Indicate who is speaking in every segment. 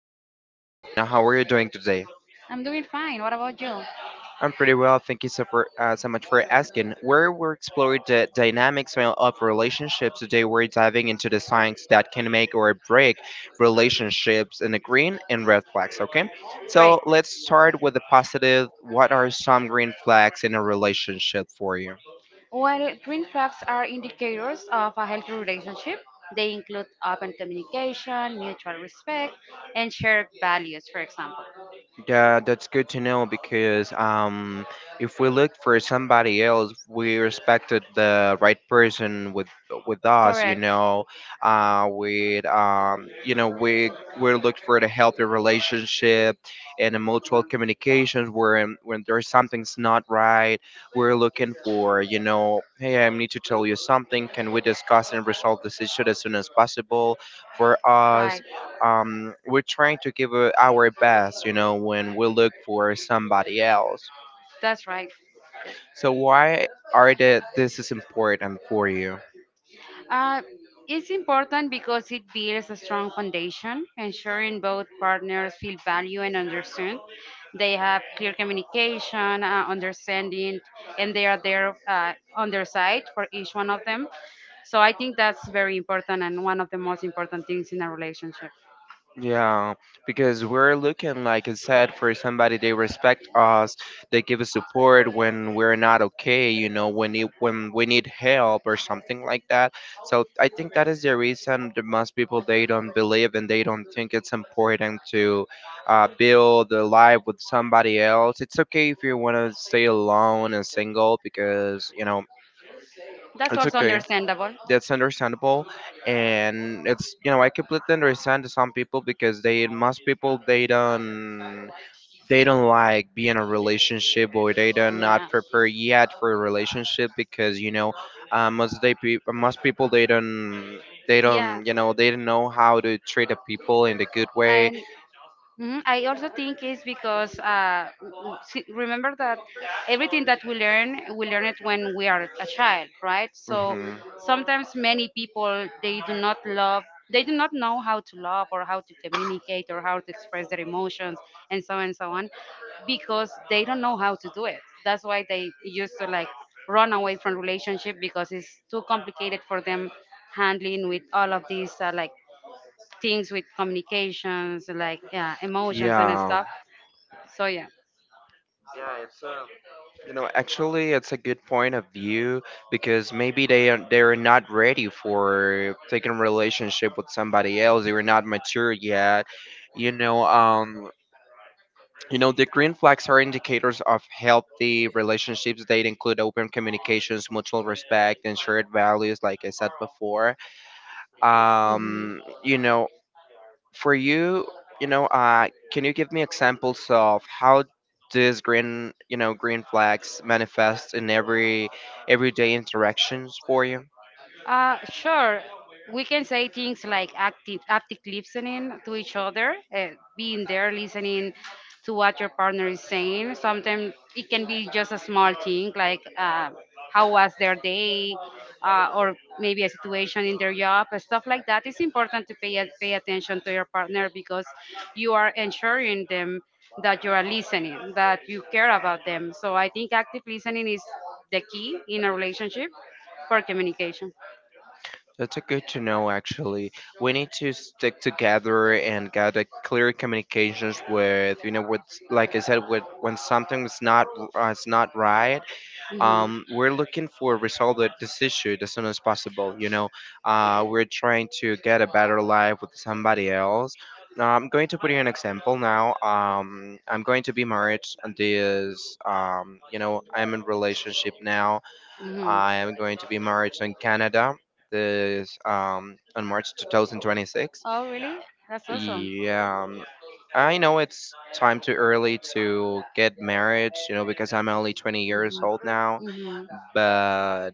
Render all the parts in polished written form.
Speaker 1: Her name is Angelina. How are you doing today?
Speaker 2: I'm doing fine. What about you?
Speaker 1: I'm pretty well. Thank you so much for asking. Where we're exploring the dynamics of relationships today, we're diving into the science that can make or break relationships in the green and red flags. Okay,
Speaker 2: Great.
Speaker 1: so let's start with the positive. What are some green flags in a relationship for you?
Speaker 2: Well, green flags are indicators of a healthy relationship. They include open communication, mutual respect, and shared values, for example.
Speaker 1: Yeah, that's good to know because if we look for somebody else, we respected the right person with us, you
Speaker 2: Correct.
Speaker 1: know. With you know, we look for the healthy relationship and the mutual communications. When there's something's not right, we're looking for, hey, I need to tell you something. Can we discuss and resolve this issue as soon as possible for us?
Speaker 2: Right.
Speaker 1: We're trying to give our best, when we look for somebody else.
Speaker 2: That's right.
Speaker 1: So why are that this is important for you?
Speaker 2: Uh, it's important because it builds a strong foundation, ensuring both partners feel valued and understood. They have clear communication, understanding, and they are there on their side for each one of them. So I think that's very important and one of the most important things in a relationship.
Speaker 1: Yeah, because we're looking, like I said, for somebody they respect us, they give us support when we're not okay, when we need help or something like that. So I think that is the reason that most people they don't believe and they don't think it's important to build a life with somebody else. It's okay if you want to stay alone and single because you know
Speaker 2: That's
Speaker 1: it's
Speaker 2: also
Speaker 1: okay.
Speaker 2: understandable.
Speaker 1: That's understandable, and it's I completely understand some people because they most people they don't like be in a relationship or they don't not
Speaker 2: Yeah.
Speaker 1: prepare yet for a relationship because most people they don't they
Speaker 2: Yeah,
Speaker 1: don't you know they don't know how to treat the people in a good way.
Speaker 2: and hmm I also think it's because remember that everything that we learn it when we are a child, right? So
Speaker 1: Mhm.
Speaker 2: sometimes many people they do not love, they do not know how to love or how to communicate or how to express their emotions and so on because they don't know how to do it. That's why they used to like run away from relationship because it's too complicated for them handling with all of these like things with communications, like yeah, emotions and
Speaker 1: Yeah.
Speaker 2: stuff. So yeah.
Speaker 1: You know, actually, it's a good point of view because maybe they're not ready for taking a relationship with somebody else. They were not mature yet. You know, the green flags are indicators of healthy relationships. They include open communications, mutual respect, and shared values, like I said before.
Speaker 2: Mhm.
Speaker 1: Um, you know, for you, can you give me examples of how this green, you know, green flags manifest in everyday interactions for you?
Speaker 2: Sure. We can say things like active listening to each other, being there, listening to what your partner is saying. Sometimes it can be just a small thing, like how was their day, or maybe a situation in their job, and stuff like that. It's important to pay attention to your partner because you are ensuring them that you are listening, that you care about them. So I think active listening is the key in a relationship for communication.
Speaker 1: That's a good to know, actually. We need to stick together and get a clear communications with, with, like I said, with when something is not right.
Speaker 2: Hmm. Hmm.
Speaker 1: We're looking for resolve this issue as soon as possible. You know, we're trying to get a better life with somebody else. Now, I'm going to put you an example now. I'm going to be married and this, I'm in relationship now. I am going to be married in Canada this on March 2026.
Speaker 2: Oh, really? That's awesome.
Speaker 1: Yeah, I know it's time too early to get married, you know, because I'm only 20 years old now,
Speaker 2: Hmm. Hmm.
Speaker 1: but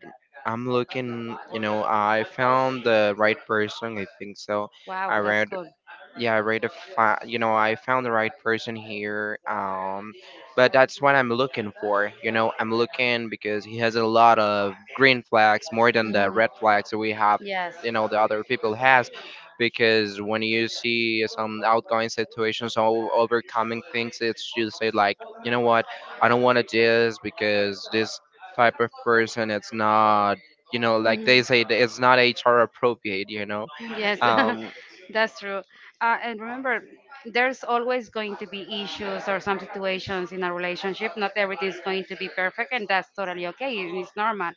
Speaker 1: I'm looking, you know, I found the right person, I think so.
Speaker 2: Wow,
Speaker 1: I
Speaker 2: that's
Speaker 1: read,
Speaker 2: cool.
Speaker 1: yeah, I read a, fi- you know, I found the right person here, but that's what I'm looking for, you know, I'm looking because he has a lot of green flags more than the
Speaker 2: Hmm.
Speaker 1: red flags that we have,
Speaker 2: Yes.
Speaker 1: you know, the other people has, because when you see some outgoing situations or overcoming things, it's you say like, you know what, I don't want to do this because this type of person, it's not you know like
Speaker 2: Mhm.
Speaker 1: they say that it's not HR appropriate,
Speaker 2: Yes,
Speaker 1: um
Speaker 2: that's true. And remember, there's always going to be issues or some situations in a relationship. Not everything's going to be perfect, and that's totally okay. It's normal.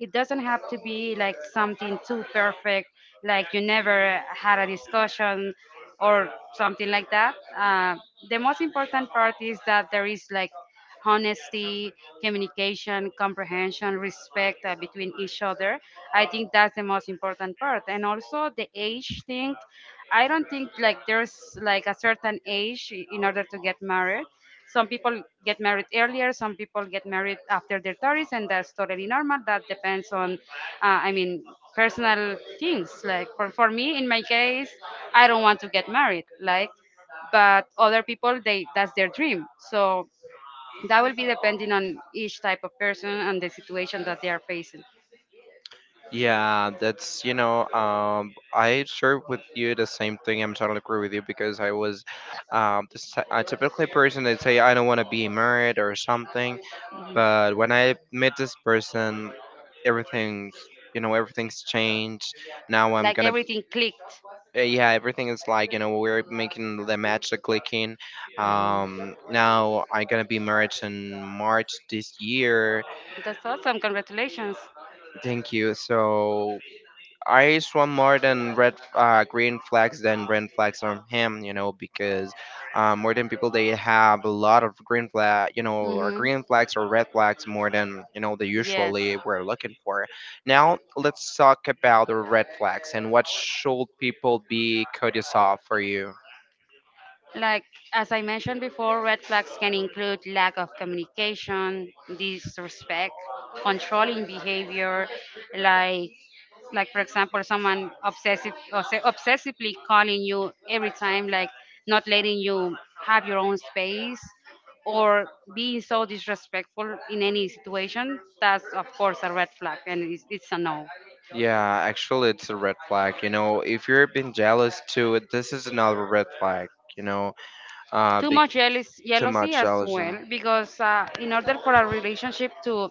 Speaker 2: It doesn't have to be like something too perfect, like you never had a discussion or something like that. The most important part is that there is like honesty, communication, comprehension, respect between each other. I think that's the most important part. And also the age thing. I don't think like there's like a certain age in order to get married. Some people get married earlier, some people get married after their 30s, and that's totally normal. That depends on, uh, I mean, personal things. Like for me, in my case, I don't want to get married. Like, but other people, they that's their dream. So that will be depending on each type of person and the situation that they are facing.
Speaker 1: yeah, that's you know I share with you the same thing, I'm totally agree with you because I was, a typically person that say I don't want to be married or something.
Speaker 2: Mhm.
Speaker 1: But when I met this person, everything's you know everything's changed. Now I'm
Speaker 2: Like
Speaker 1: gonna,
Speaker 2: everything clicked.
Speaker 1: yeah, everything is like, we're making the match, the clicking. Now I'm gonna be married in March this year.
Speaker 2: That's awesome. Congratulations.
Speaker 1: Thank you so. I swam more than red, green flags than red flags from him, you know, because more than people they have a lot of green flag, you know, or
Speaker 2: Hmm.
Speaker 1: green flags or red flags more than, you know, they
Speaker 2: Yes.
Speaker 1: usually we're looking for. Now let's talk about the red flags and what should people be courteous of for you.
Speaker 2: Like, as I mentioned before, red flags can include lack of communication, disrespect, controlling behavior, like like for example someone obsessively calling you every time, like not letting you have your own space, or being so disrespectful in any situation. That's of course a red flag, and it's a no.
Speaker 1: Yeah, actually, it's a red flag. You know, if you're being jealous too, this is another red flag. You know, uh,
Speaker 2: Too
Speaker 1: too
Speaker 2: jealousy
Speaker 1: much
Speaker 2: as well,
Speaker 1: allergen.
Speaker 2: because in order for a relationship to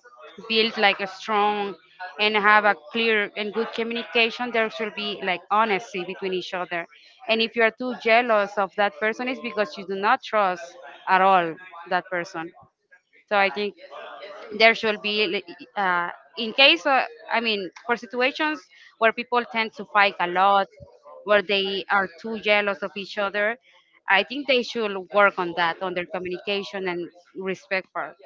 Speaker 2: build like a strong and have a clear and good communication, there should be like honesty between each other. And if you are too jealous of that person, it's because you do not trust at all that person. So I think there should be, li- in case, I mean, for situations where people tend to fight a lot, where they are too jealous of each other, I think they should work on that, on their communication and respect part.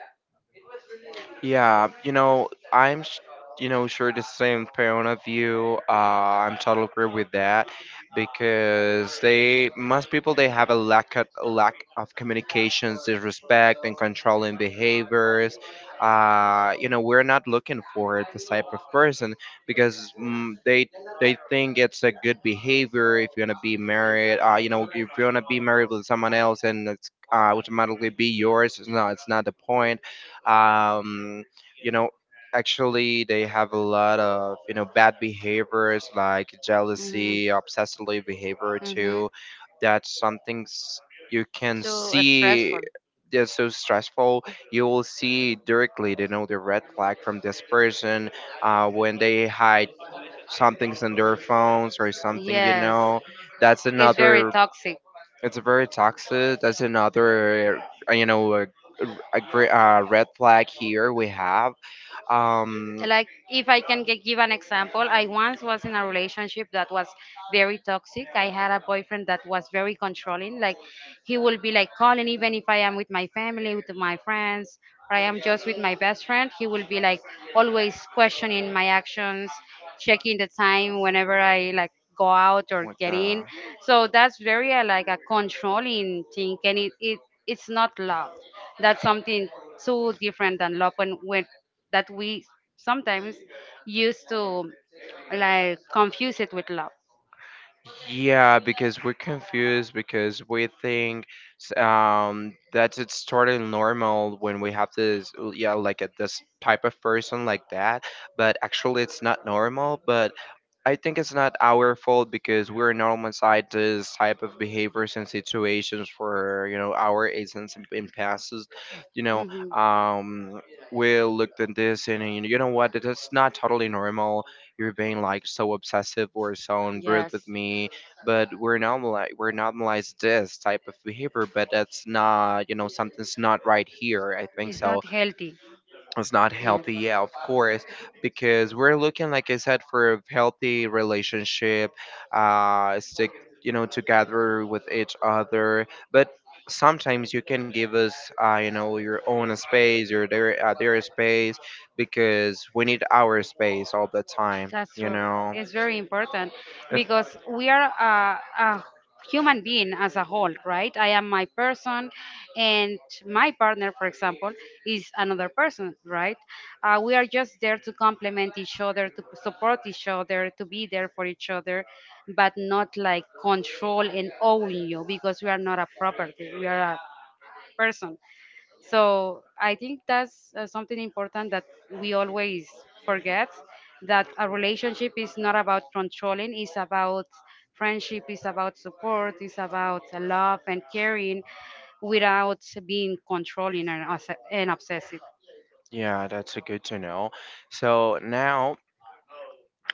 Speaker 1: Yeah, you know, sure the same point of view. I'm totally agree with that because they most people they have a lack of communications, disrespect, and controlling behaviors. You know, we're not looking for this type of person because they think it's a good behavior if you're gonna be married. You know, if you're gonna be married with someone else, and it's automatically be yours. No, it's not the point. um you know Actually they have a lot of, bad behaviors like
Speaker 2: Hmm.
Speaker 1: jealousy, obsessively behavior
Speaker 2: Hmm.
Speaker 1: too. That's something, you can
Speaker 2: So
Speaker 1: see.
Speaker 2: stressful.
Speaker 1: That's so stressful. You will see directly, the red flag from this person when they hide some things on their phones or something,
Speaker 2: Yes,
Speaker 1: that's
Speaker 2: it's very
Speaker 1: another.
Speaker 2: toxic.
Speaker 1: It's very toxic. That's another, uh, you know, a, red flag here we have. Um,
Speaker 2: Like, if I can give an example, I once was in a relationship that was very toxic. I had a boyfriend that was very controlling. Like, he will be like calling even if I am with my family, with my friends, or I am just with my best friend. He will be like always questioning my actions, checking the time whenever I like go out or
Speaker 1: Oh
Speaker 2: get in.
Speaker 1: my.
Speaker 2: So that's very like a controlling thing, and it it's not love. That's something so different than love, when that we sometimes used to like confuse it with love.
Speaker 1: Yeah, because we're confused because we think, that it's totally normal when we have this, yeah, like this type of person like that, but actually it's not normal. But I think it's not our fault because we're normal this type of behaviors and situations for, our agents in passes. You know,
Speaker 2: Hmm.
Speaker 1: we looked at this and you know what? That's not totally normal. You're being like so obsessive or so rude with
Speaker 2: Yes.
Speaker 1: me, but we're normal. We're normalized this type of behavior, but that's not, something's not right here. I think
Speaker 2: It's
Speaker 1: so
Speaker 2: not healthy.
Speaker 1: it's not
Speaker 2: Yes.
Speaker 1: healthy, yeah, of course, because we're looking, like I said, for a healthy relationship. Stick, together with each other, but sometimes you can give us, your own space, or their, their space, because we need our space all the time,
Speaker 2: That's true. It's very important
Speaker 1: If-
Speaker 2: because we are a human being as a whole, right? I am my person, and my partner, for example, is another person, right? We are just there to complement each other, to support each other, to be there for each other, but not like control and own you, because we are not a property, we are a person. So I think that's something important that we always forget, that a relationship is not about controlling, it's about friendship, it's about support, it's about love and caring without being controlling and obsessive.
Speaker 1: yeah, that's a good to know. So now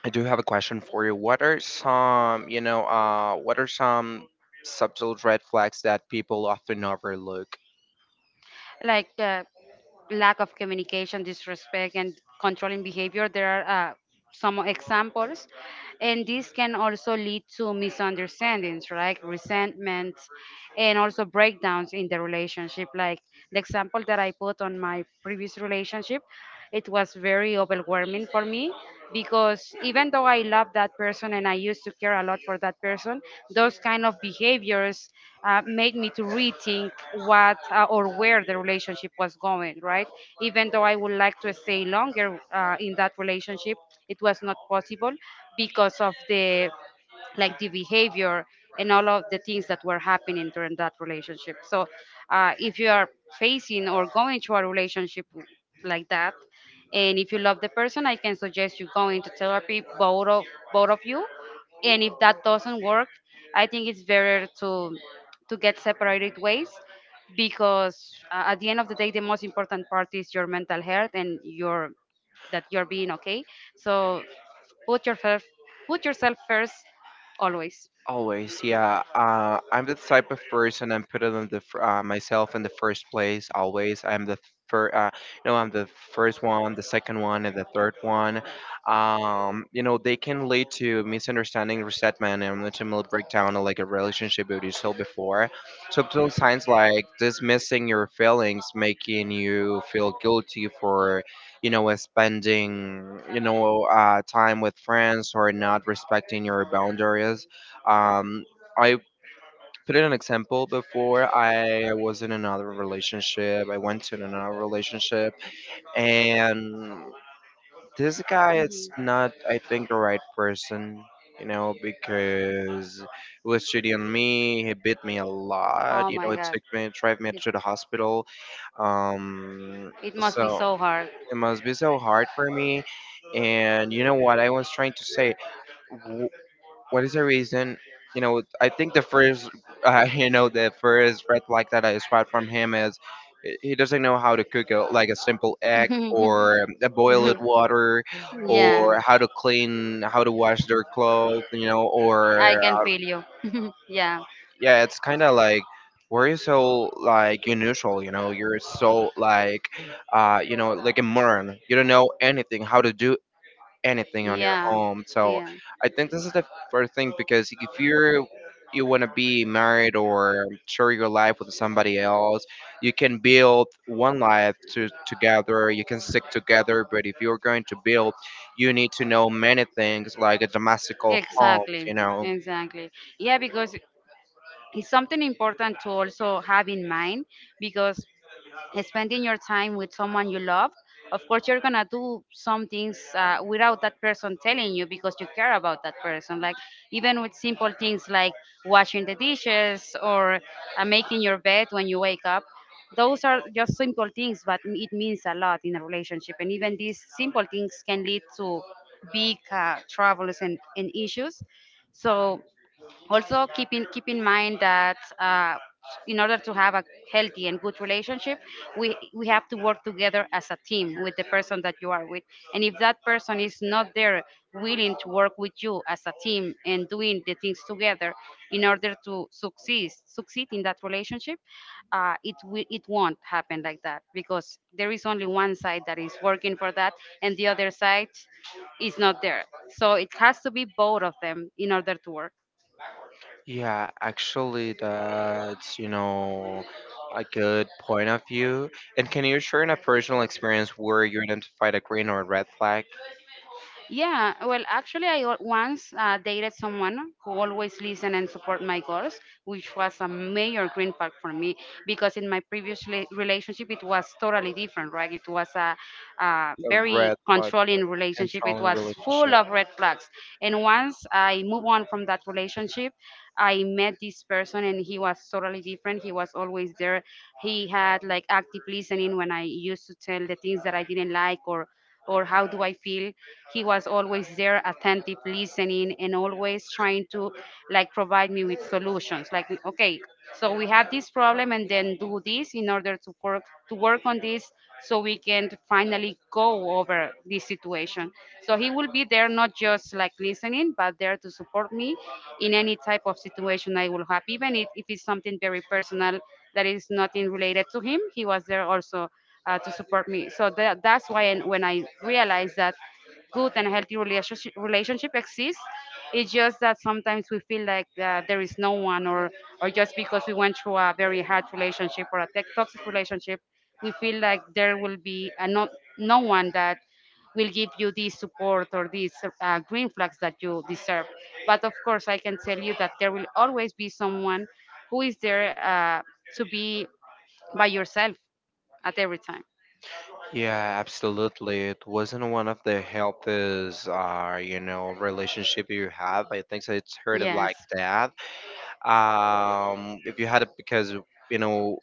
Speaker 1: I do have a question for you. What are some, you know, what are some subtle red flags that people often overlook?
Speaker 2: Like lack of communication, disrespect, and controlling behavior, there are. Some examples, and this can also lead to misunderstandings like resentments and also breakdowns in the relationship, like the example that I put on my previous relationship. It was very overwhelming for me, because even though I love that person and I used to care a lot for that person, those kind of behaviors made me to rethink what or where the relationship was going, right? Even though I would like to stay longer in that relationship, it was not possible because of the like the behavior and all of the things that were happening during that relationship. So, if you are facing or going through a relationship like that, and if you love the person, I can suggest you go into therapy, both of you. And if that doesn't work, I think it's better to get separated ways, because at the end of the day, the most important part is your mental health and your that you're being okay. So put yourself put yourself first always.
Speaker 1: Always, yeah. I'm the type of person, I'm putting on the myself in the first place. Always, I'm the first. You know, I'm the first one, the second one, and the third one. You know, they can lead to misunderstanding, resentment, and ultimately breakdown of like a relationship that you saw before. Subtle signs like dismissing your feelings, making you feel guilty for, spending, time with friends, or not respecting your boundaries, um, I put in an example before. I was in another relationship. I went to another relationship, and this guy is
Speaker 2: Mhm.
Speaker 1: not, I think, the right person. You know, because he was cheating on me. He beat me a lot.
Speaker 2: Oh
Speaker 1: You know,
Speaker 2: my god.
Speaker 1: drive me
Speaker 2: It,
Speaker 1: to the hospital. Um,
Speaker 2: it must be
Speaker 1: so
Speaker 2: so hard.
Speaker 1: it must be so hard for me. And you know what I was trying to say? What is the reason? You know, I think the first red flag that I spot from him is he doesn't know how to cook like a simple egg, or a boiled water,
Speaker 2: Yeah,
Speaker 1: or how to clean, how to wash their clothes, or
Speaker 2: I can
Speaker 1: uh,
Speaker 2: feel you. yeah,
Speaker 1: yeah, it's kind of like, where you so like unusual, you know, you're so like, like a moron. You don't know anything how to do anything on your
Speaker 2: yeah,
Speaker 1: home. So
Speaker 2: yeah,
Speaker 1: I think this is the first thing because if you're you want to be married or share your life with somebody else, you can build one life to, together. You can stick together, but if you're going to build, you need to know many things like a domestical homes. You
Speaker 2: exactly,
Speaker 1: know.
Speaker 2: exactly. Yeah, because it's something important to also have in mind, because spending your time with someone you love, of course you're gonna do some things without that person telling you, because you care about that person. Like even with simple things like washing the dishes or making your bed when you wake up. Those are just simple things, but it means a lot in a relationship. And even these simple things can lead to big troubles and issues. So also, keep in mind that in order to have a healthy and good relationship, we have to work together as a team with the person that you are with. And if that person is not there willing to work with you as a team and doing the things together in order to succeed in that relationship, it won't happen like that, because there is only one side that is working for that, and the other side is not there. So it has to be both of them in order to work.
Speaker 1: Yeah, actually, that's a good point of view. And can you share in a personal experience where you identified a green or a red flag?
Speaker 2: Yeah, well, actually, once dated someone who always listened and support my goals, which was a major green flag for me, because in my previous relationship, it was totally different, right? It was a
Speaker 1: A
Speaker 2: very
Speaker 1: red flag.
Speaker 2: controlling relationship. It
Speaker 1: Controlling
Speaker 2: was full
Speaker 1: relationship.
Speaker 2: of red flags. And once I moved on from that relationship, I met this person and he was totally different. He was always there. He had like active listening when I used to tell the things that I didn't like or how do I feel. He was always there, attentive, listening, and always trying to like provide me with solutions. Like, okay, so we have this problem, and then do this in order to work on this, so we can finally go over this situation. So he will be there, not just like listening, but there to support me in any type of situation I will have, even if it's something very personal that is nothing related to him. He was there also to support me. So that's why, and when I realized that good and healthy relationship exists, it's just that sometimes we feel like there is no one, or just because we went through a very hard relationship or a toxic relationship, we feel like there will be a not no one that will give you this support or these green flags that you deserve. But of course, I can tell you that there will always be someone who is there to be by yourself at every time.
Speaker 1: Yeah, absolutely. It wasn't one of the healthiest, relationship you have. I think so it's hurted
Speaker 2: Yes.
Speaker 1: like that. If you had it because, you know,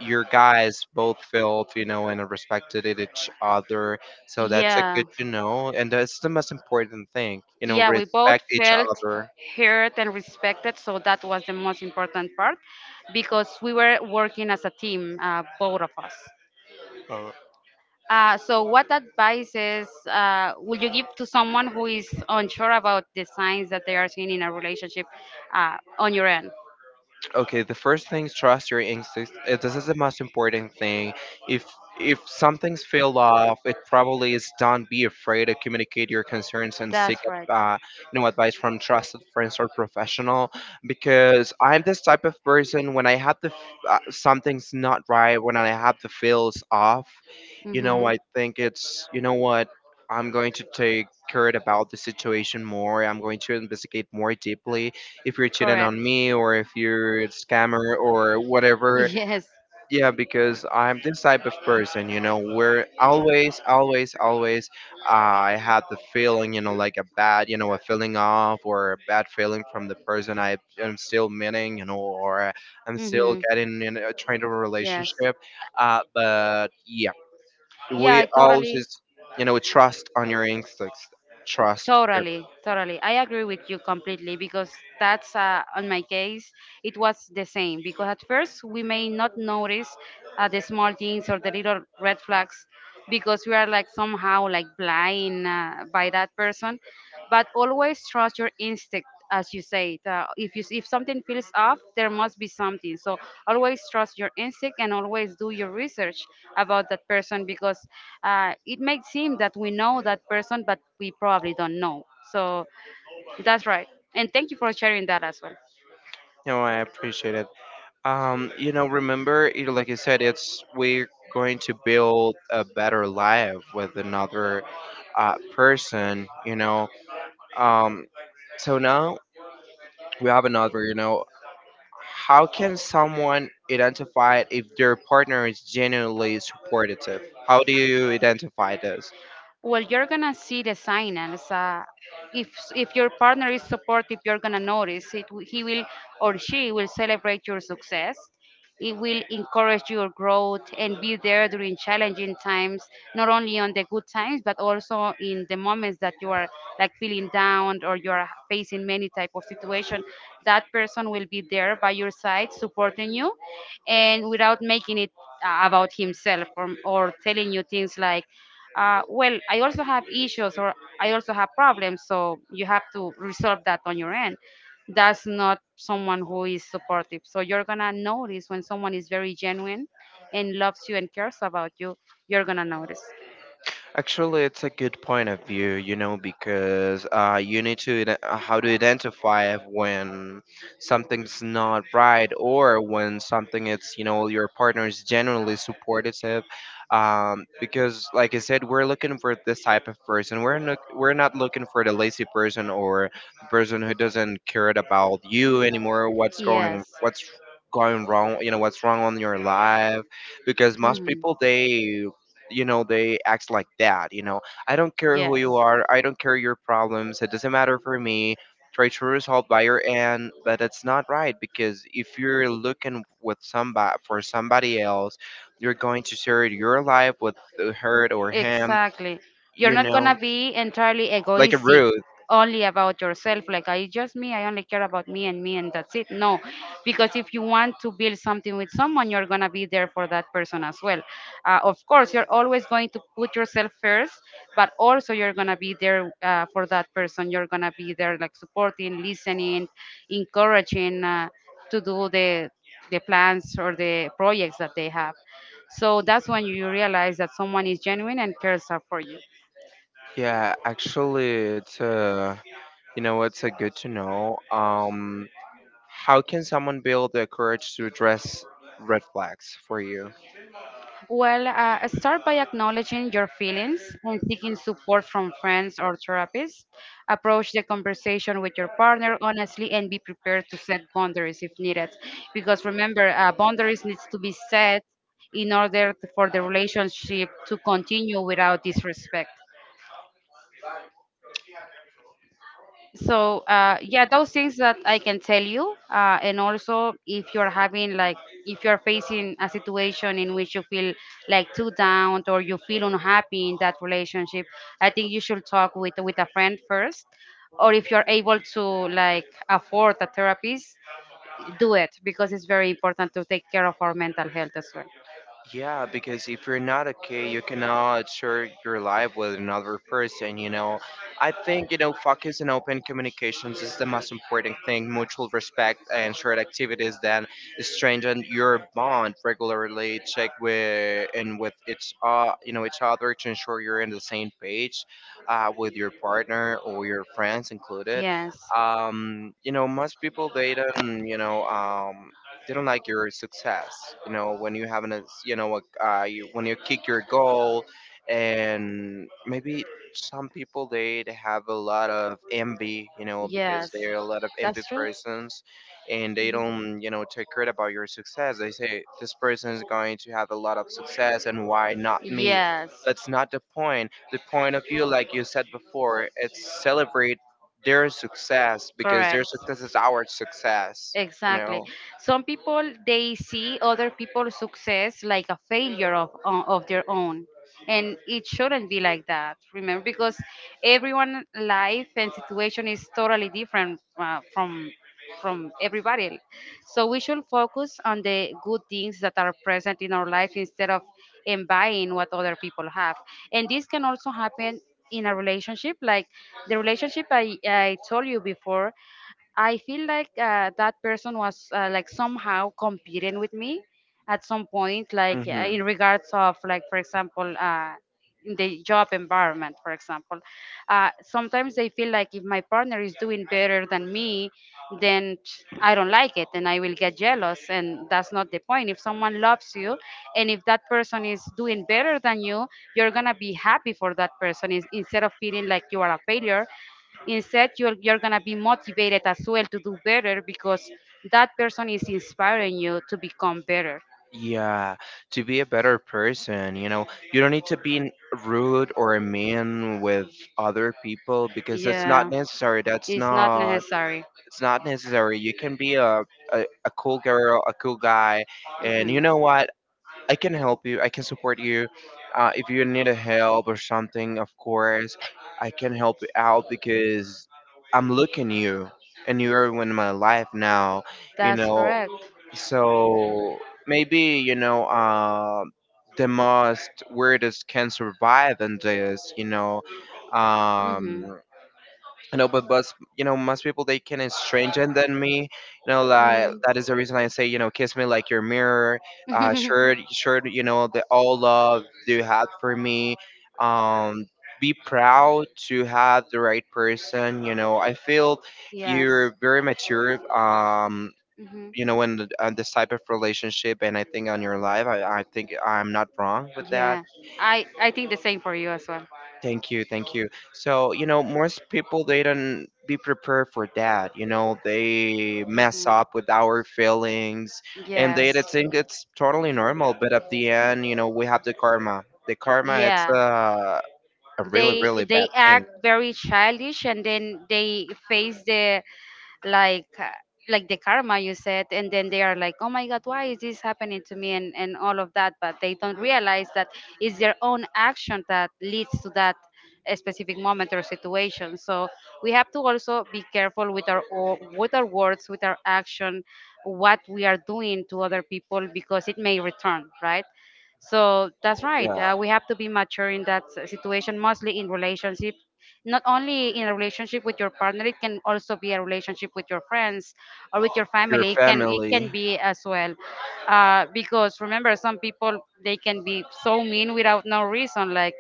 Speaker 1: your guys both felt, and respected it each other. So that's a
Speaker 2: Yeah.
Speaker 1: good to know. And that's the most important thing, you know,
Speaker 2: Yeah, we both
Speaker 1: respect each
Speaker 2: felt
Speaker 1: other.
Speaker 2: heard and respected, so that was the most important part because we were working as a team, both of us.
Speaker 1: All
Speaker 2: So, what advices would you give to someone who is unsure about the signs that they are seeing in a relationship on your end?
Speaker 1: Okay, the first thing is trust your instincts. This is the most important thing. If if something's fell off, it probably is. Done be afraid to communicate your concerns and seek
Speaker 2: That's right.
Speaker 1: uh, you know, advice from trusted friends or professional. Because I'm this type of person, when I have the something's not right, when I have the feels off, you know,
Speaker 2: Hmm.
Speaker 1: I think it's, you know what, I'm going to take care about the situation more, I'm going to investigate more deeply if you're cheating
Speaker 2: Correct.
Speaker 1: on me or if you're a scammer or whatever.
Speaker 2: Yes.
Speaker 1: Yeah, because I'm this type of person, you know, where always, always, always I had the feeling, you know, like a bad, you know, a feeling off or a bad feeling from the person I am still meeting, you know, or I'm still
Speaker 2: Mm-hmm.
Speaker 1: getting in a trying to a
Speaker 2: Yes.
Speaker 1: relationship. But yeah,
Speaker 2: Yeah,
Speaker 1: we
Speaker 2: I totally,
Speaker 1: always, you know, trust on your instincts. Trust.
Speaker 2: totally. I agree with you completely because that's on my case, it was the same. Because at first, we may not notice the small things or the little red flags because we are like somehow like blind by that person. But always trust your instinct as you say. If you if something feels off, there must be something, so always trust your instinct and always do your research about that person because it might seem that we know that person but we probably don't know. So that's right, and thank you for sharing that as well.
Speaker 1: You know, I appreciate it. You know, remember, it, like you said, it's we're going to build a better life with another person. You know, um, now we have another. You know, how can someone identify if their partner is genuinely supportive? How do you identify this?
Speaker 2: Well, you're gonna see the signals. If your partner is supportive, you're gonna notice it. He will or she will celebrate your success. It will encourage your growth and be there during challenging times, not only on the good times, but also in the moments that you are like feeling down or you are facing many type of situation. That person will be there by your side, supporting you, and without making it about himself or telling you things like, well, I also have issues or I also have problems, so you have to resolve that on your end. That's not someone who is supportive. So you're gonna notice when someone is very genuine and loves you and cares about you, you're gonna notice.
Speaker 1: Actually, it's a good point of view, you know, because you need to how to identify when something's not right or when something, it's, you know, your partner is generally supportive. Because, like I said, we're looking for this type of person. We're not looking for the lazy person or the person who doesn't care about you anymore. What's going
Speaker 2: Yes.
Speaker 1: what's going wrong? You know, what's wrong on your life? Because most
Speaker 2: Mhm.
Speaker 1: people, they, you know, they act like that, you know, I don't care who
Speaker 2: Yes.
Speaker 1: you are, I don't care your problems, it doesn't matter for me, try to resolve by your end. But it's not right, because if you're looking with somebody for somebody else, you're going to share your life with the her or him,
Speaker 2: Exactly. You're
Speaker 1: you
Speaker 2: not
Speaker 1: know,
Speaker 2: gonna be entirely
Speaker 1: like a
Speaker 2: egoistic,
Speaker 1: rude.
Speaker 2: only about yourself. Like I just me, I only care about me and me and that's it. No, because if you want to build something with someone, you're gonna be there for that person as well. Of course, you're always going to put yourself first, but also you're gonna be there for that person. You're gonna be there, like supporting, listening, encouraging to do the plans or the projects that they have. So that's when you realize that someone is genuine and cares up for you.
Speaker 1: Yeah, actually it's you know, it's a good to know. Um, how can someone build the courage to address red flags for you?
Speaker 2: Well, start by acknowledging your feelings and seeking support from friends or therapists. Approach the conversation with your partner honestly and be prepared to set boundaries if needed. Because remember, boundaries needs to be set for the relationship to continue without disrespect. So yeah, those things that I can tell you, and also if you're having like, if you're facing a situation in which you feel like too down or you feel unhappy in that relationship, I think you should talk with a friend first, or if you're able to like afford a therapist, do it, because it's very important to take care of our mental health as well.
Speaker 1: Yeah, because if you're not okay, you cannot share your life with another person, you know. I think, you know, focus and open communications is the most important thing. Mutual respect and shared activities then strengthen your bond regularly. Check with and with each, you know, each other to ensure you're in the same page with your partner or your friends included.
Speaker 2: Yes.
Speaker 1: You know, most people, they don't, you know, didn't like your success, you know, when you having a, you know, like, you, when you kick your goal. And maybe some people, they have a lot of envy, you know, because
Speaker 2: Yes,
Speaker 1: they're a lot of envy
Speaker 2: that's true.
Speaker 1: persons. And they
Speaker 2: Mhm.
Speaker 1: don't, you know, take credit about your success. They say, this person is going to have a lot of success and why not me.
Speaker 2: Yes.
Speaker 1: That's not the point. The point of view, like you said before, it's celebrate their success, because
Speaker 2: Correct.
Speaker 1: their success is our success, you
Speaker 2: Exactly.
Speaker 1: know.
Speaker 2: Some people they see other people's success like a failure of of their own, and it shouldn't be like that. Remember, because everyone' life and situation is totally different from everybody. So we should focus on the good things that are present in our life instead of envying what other people have. And this can also happen in a relationship, like the relationship I told you before. I feel like that person was like somehow competing with me at some point, like
Speaker 1: Hmm.
Speaker 2: in regards of like for example, in the job environment, for example. Sometimes they feel like if my partner is doing better than me, then I don't like it and I will get jealous, and that's not the point. If someone loves you, and if that person is doing better than you, you're gonna be happy for that person is, instead of feeling like you are a failure. Instead, you're going to be motivated as well to do better because that person is inspiring you to become better.
Speaker 1: Yeah, to be a better person, you know, you don't need to be rude or mean with other people, because it's not
Speaker 2: Yeah,
Speaker 1: necessary. That's
Speaker 2: it's not
Speaker 1: not,
Speaker 2: necessary.
Speaker 1: it's not necessary. You can be a, a cool girl, a cool guy, and you
Speaker 2: Hmm.
Speaker 1: know what? I can help you. I can support you. If you need a help or something, of course I can help you out, because I'm looking you and you're in my life now, you
Speaker 2: That's
Speaker 1: know.
Speaker 2: correct.
Speaker 1: So maybe, you know, the most weirdest can survive in this.
Speaker 2: Hmm. Hmm.
Speaker 1: Um, you know, but most, you know, most people, they can is stranger than me. You know, like that is the reason I say, you know, kiss me like your mirror. Sure, sure. You know the all love you had for me. Um, be proud to have the right person. You know, I feel
Speaker 2: Yes.
Speaker 1: you're very mature.
Speaker 2: Hmm.
Speaker 1: You know, in this type of relationship, and I think on your life, I think I'm not wrong with that.
Speaker 2: Yeah. I think the same for you as well.
Speaker 1: Thank you, thank you. So, you know, most people, they don't be prepared for that. You know, they mess
Speaker 2: Hmm.
Speaker 1: up with our feelings, and
Speaker 2: Yes.
Speaker 1: they think it's totally normal. But at the end, you know, we have the karma. The karma, it's
Speaker 2: Yeah.
Speaker 1: a
Speaker 2: they
Speaker 1: really, really bad
Speaker 2: they
Speaker 1: thing.
Speaker 2: act very childish and then they face the like uh, like the karma you said, and then they are like, oh my god, why is this happening to me, and all of that, but they don't realize that it's their own action that leads to that specific moment or situation. So we have to also be careful with our with our words, with our action, what we are doing to other people, because it may return, right? So that's right.
Speaker 1: Yeah.
Speaker 2: We have to be mature in that situation, mostly in relationship. Not only in a relationship with your partner, it can also be a relationship with your friends or with your
Speaker 1: Your
Speaker 2: family. It can
Speaker 1: family.
Speaker 2: be as well, because remember, some people they can be so mean without no reason. Like,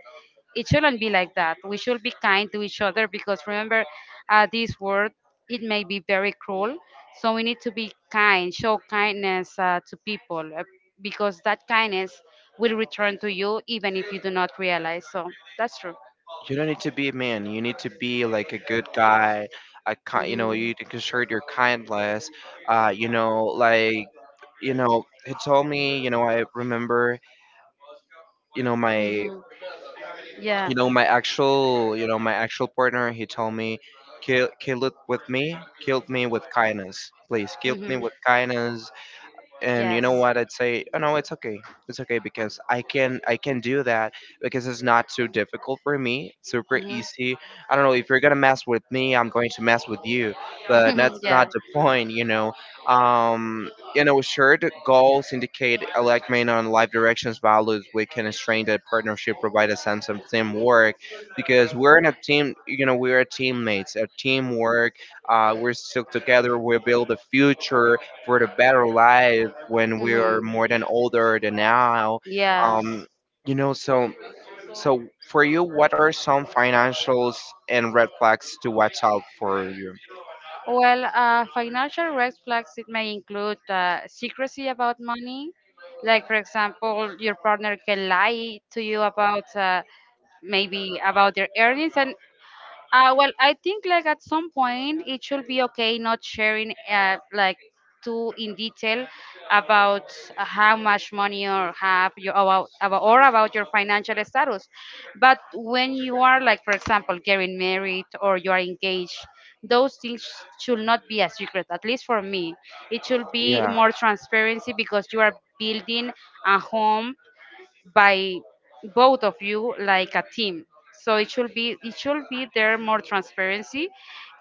Speaker 2: it shouldn't be like that. We should be kind to each other because remember, this world it may be very cruel. So we need to be kind, show kindness to people, because that kindness will return to you even if you do not realize. So that's true.
Speaker 1: You don't need to be a man. You need to be like a good guy. A ki you
Speaker 2: Hmm.
Speaker 1: know, you need to exert your kindness. You know, like, you know, he told me. You know, I remember. You know my,
Speaker 2: Hmm. Yeah.
Speaker 1: you know, my actual, you know, my actual partner. He told me, kill it with me, killed me with kindness. Please, killed me
Speaker 2: Hmm.
Speaker 1: with kindness. And you know
Speaker 2: Yes.
Speaker 1: what I'd say? Oh no, it's okay. It's okay, because I can, I can do that, because it's not too difficult for me, it's super
Speaker 2: Mm-hmm.
Speaker 1: easy. I don't know, if you're gonna mess with me, I'm going to mess with you. But that's
Speaker 2: Yeah.
Speaker 1: not the point, you know. Um, you know, shared goals indicate alignment on life directions values. We can strengthen that partnership, provide a sense of teamwork, because we're in a team, you know, we're teammates, a teamwork. We're still together, we build the future for the better life when we are
Speaker 2: Mm-hmm.
Speaker 1: more than older than now.
Speaker 2: Yes.
Speaker 1: Um, you know, so so for you, what are some financials and red flags to watch out for you?
Speaker 2: Well, financial red flags it may include secrecy about money, like for example, your partner can lie to you about maybe about their earnings, and well, I think like at some point it should be okay not sharing like too in detail about how much money or have you about or about your financial status. But when you are like for example getting married or you are engaged, those things should not be a secret. At least for me, it should be
Speaker 1: Yeah.
Speaker 2: more transparency because you are building a home by both of you like a team. So it should be there more transparency,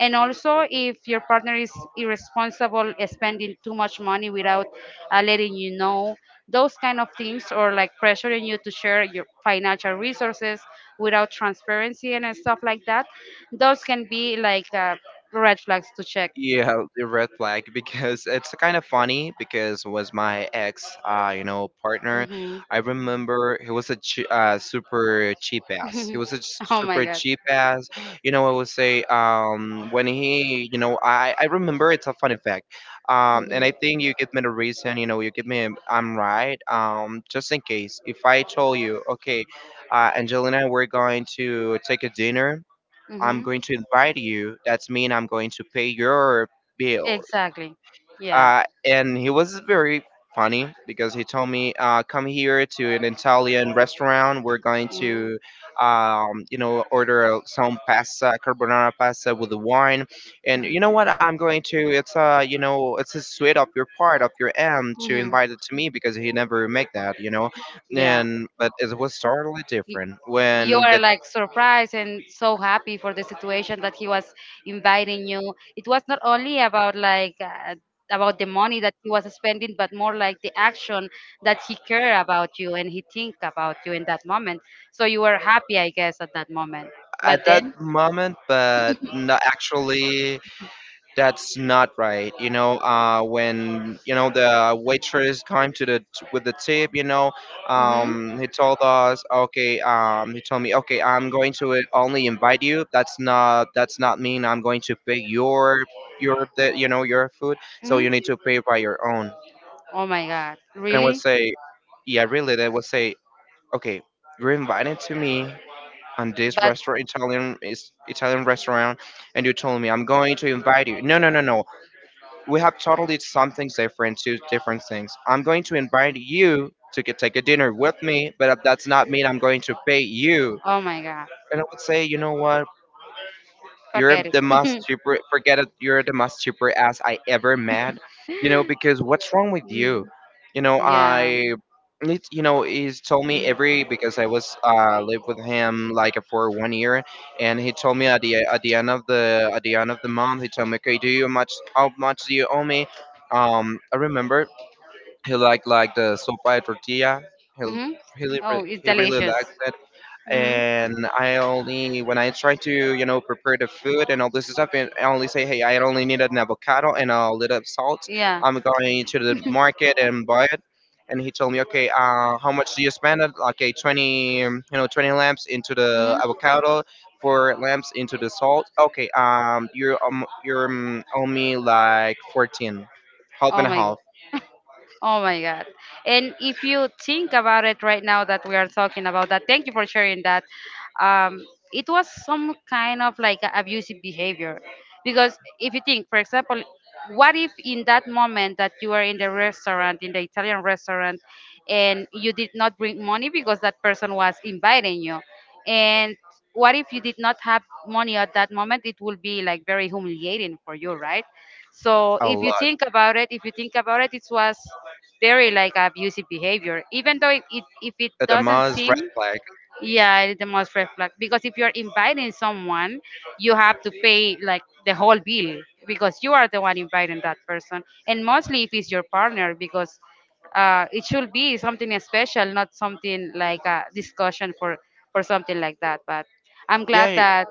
Speaker 2: and also if your partner is irresponsible, spending too much money without letting you know, those kind of things, or like pressuring you to share your financial resources without transparency and stuff like that, those can be like red flags to check.
Speaker 1: Yeah, the red flag, because it's kind of funny, because it was my ex, you know, partner.
Speaker 2: Hmm.
Speaker 1: I remember he was a ch super cheap ass. He was a
Speaker 2: Oh my
Speaker 1: super
Speaker 2: god.
Speaker 1: cheap ass. You know, I would say, um, when he, you know, I remember, it's a funny fact. And I
Speaker 2: Mhm.
Speaker 1: think you give me the reason. You know, you give me, I'm right. Just in case, if I told you, okay, Angelina, we're going to take a dinner. I'm
Speaker 2: Mhm.
Speaker 1: going to invite you. That's mean I'm going to pay your bill.
Speaker 2: Exactly. Yeah.
Speaker 1: And he was very funny because he told me, come here to an Italian restaurant. We're going
Speaker 2: Mhm.
Speaker 1: to, you know, order some pasta, carbonara pasta with the wine. And you
Speaker 2: Mhm.
Speaker 1: know what? I'm going to, it's a, you know, it's a sweet of your part, of your end to
Speaker 2: Mhm.
Speaker 1: invite it to me, because he never make that, you know.
Speaker 2: Yeah.
Speaker 1: And, but it was totally different
Speaker 2: You
Speaker 1: when
Speaker 2: are
Speaker 1: the,
Speaker 2: like surprised and so happy for the situation that he was inviting you. It was not only about like about the money that he was spending but more like the action that he care about you and he think about you in that moment, so you were happy I guess at that moment, but
Speaker 1: at
Speaker 2: then
Speaker 1: that moment. But no, actually, that's not right. You know, when you know the waitress came to the with the tip, you know, he told us, okay, he told me, okay, I'm going to only invite you. That's
Speaker 2: hmm.
Speaker 1: not, that's not mean I'm going to pay your the, you know, your food, so you need to pay by your own.
Speaker 2: Oh my God,
Speaker 1: And I would
Speaker 2: really?
Speaker 1: say, yeah, really, they would say, okay, you're invited to me. On this
Speaker 2: But
Speaker 1: restaurant Italian, is Italian restaurant, and you told me I'm going to invite you. No, no, no, no. We have totally something different, two different things. I'm going to invite you to get, take a dinner with me, but that's not mean I'm going to pay you.
Speaker 2: oh my God,
Speaker 1: And I would say, you know what? You're
Speaker 2: forget
Speaker 1: the most
Speaker 2: it.
Speaker 1: super. Forget it. You're the most super ass I ever met. You know, because what's wrong with
Speaker 2: Mm,
Speaker 1: you? You know,
Speaker 2: yeah.
Speaker 1: I. It's, you know, he's told me
Speaker 2: Mm.
Speaker 1: every, because I was lived with him like for 1 year, and he told me at the end of the at the end of the month. He told me, okay, do you much how much do you owe me? I remember he liked, like the sopa de tortilla. He
Speaker 2: Hmm.
Speaker 1: he
Speaker 2: Oh,
Speaker 1: really,
Speaker 2: it's
Speaker 1: he really
Speaker 2: delicious.
Speaker 1: liked it.
Speaker 2: Hmm.
Speaker 1: And I only, when I try to, you know, prepare the food and all this stuff, and I only say, hey, I only need an avocado and a little salt.
Speaker 2: Yeah.
Speaker 1: I'm going to the market and buy it. And he told me, okay, how much do you spend? It? Okay, 20, you know, 20 lamps into the
Speaker 2: Hmm.
Speaker 1: avocado, four lamps into the salt. Okay, you're owe me like 14, half
Speaker 2: Oh
Speaker 1: and a
Speaker 2: my God.
Speaker 1: half,
Speaker 2: Oh my God. And if you think about it right now that we are talking about that, thank you for sharing that. Um, it was some kind of like a abusive behavior. Because if you think, for example, what if in that moment that you were in the restaurant, in the Italian restaurant, and you did not bring money because that person was inviting you? And what if you did not have money at that moment? It will be like very humiliating for you, right? So
Speaker 1: a
Speaker 2: if you
Speaker 1: lot.
Speaker 2: think about it, if you think about it, it was very like abusive behavior, even though it if it
Speaker 1: At the
Speaker 2: doesn't
Speaker 1: most, red
Speaker 2: seem.
Speaker 1: flag.
Speaker 2: Yeah, it is the most reflect, because if you're inviting someone, you have to pay like the whole bill because you are the one inviting that person, and mostly if it's your partner, because it should be something special, not something like a discussion for something like that. But I'm glad
Speaker 1: Yeah.
Speaker 2: that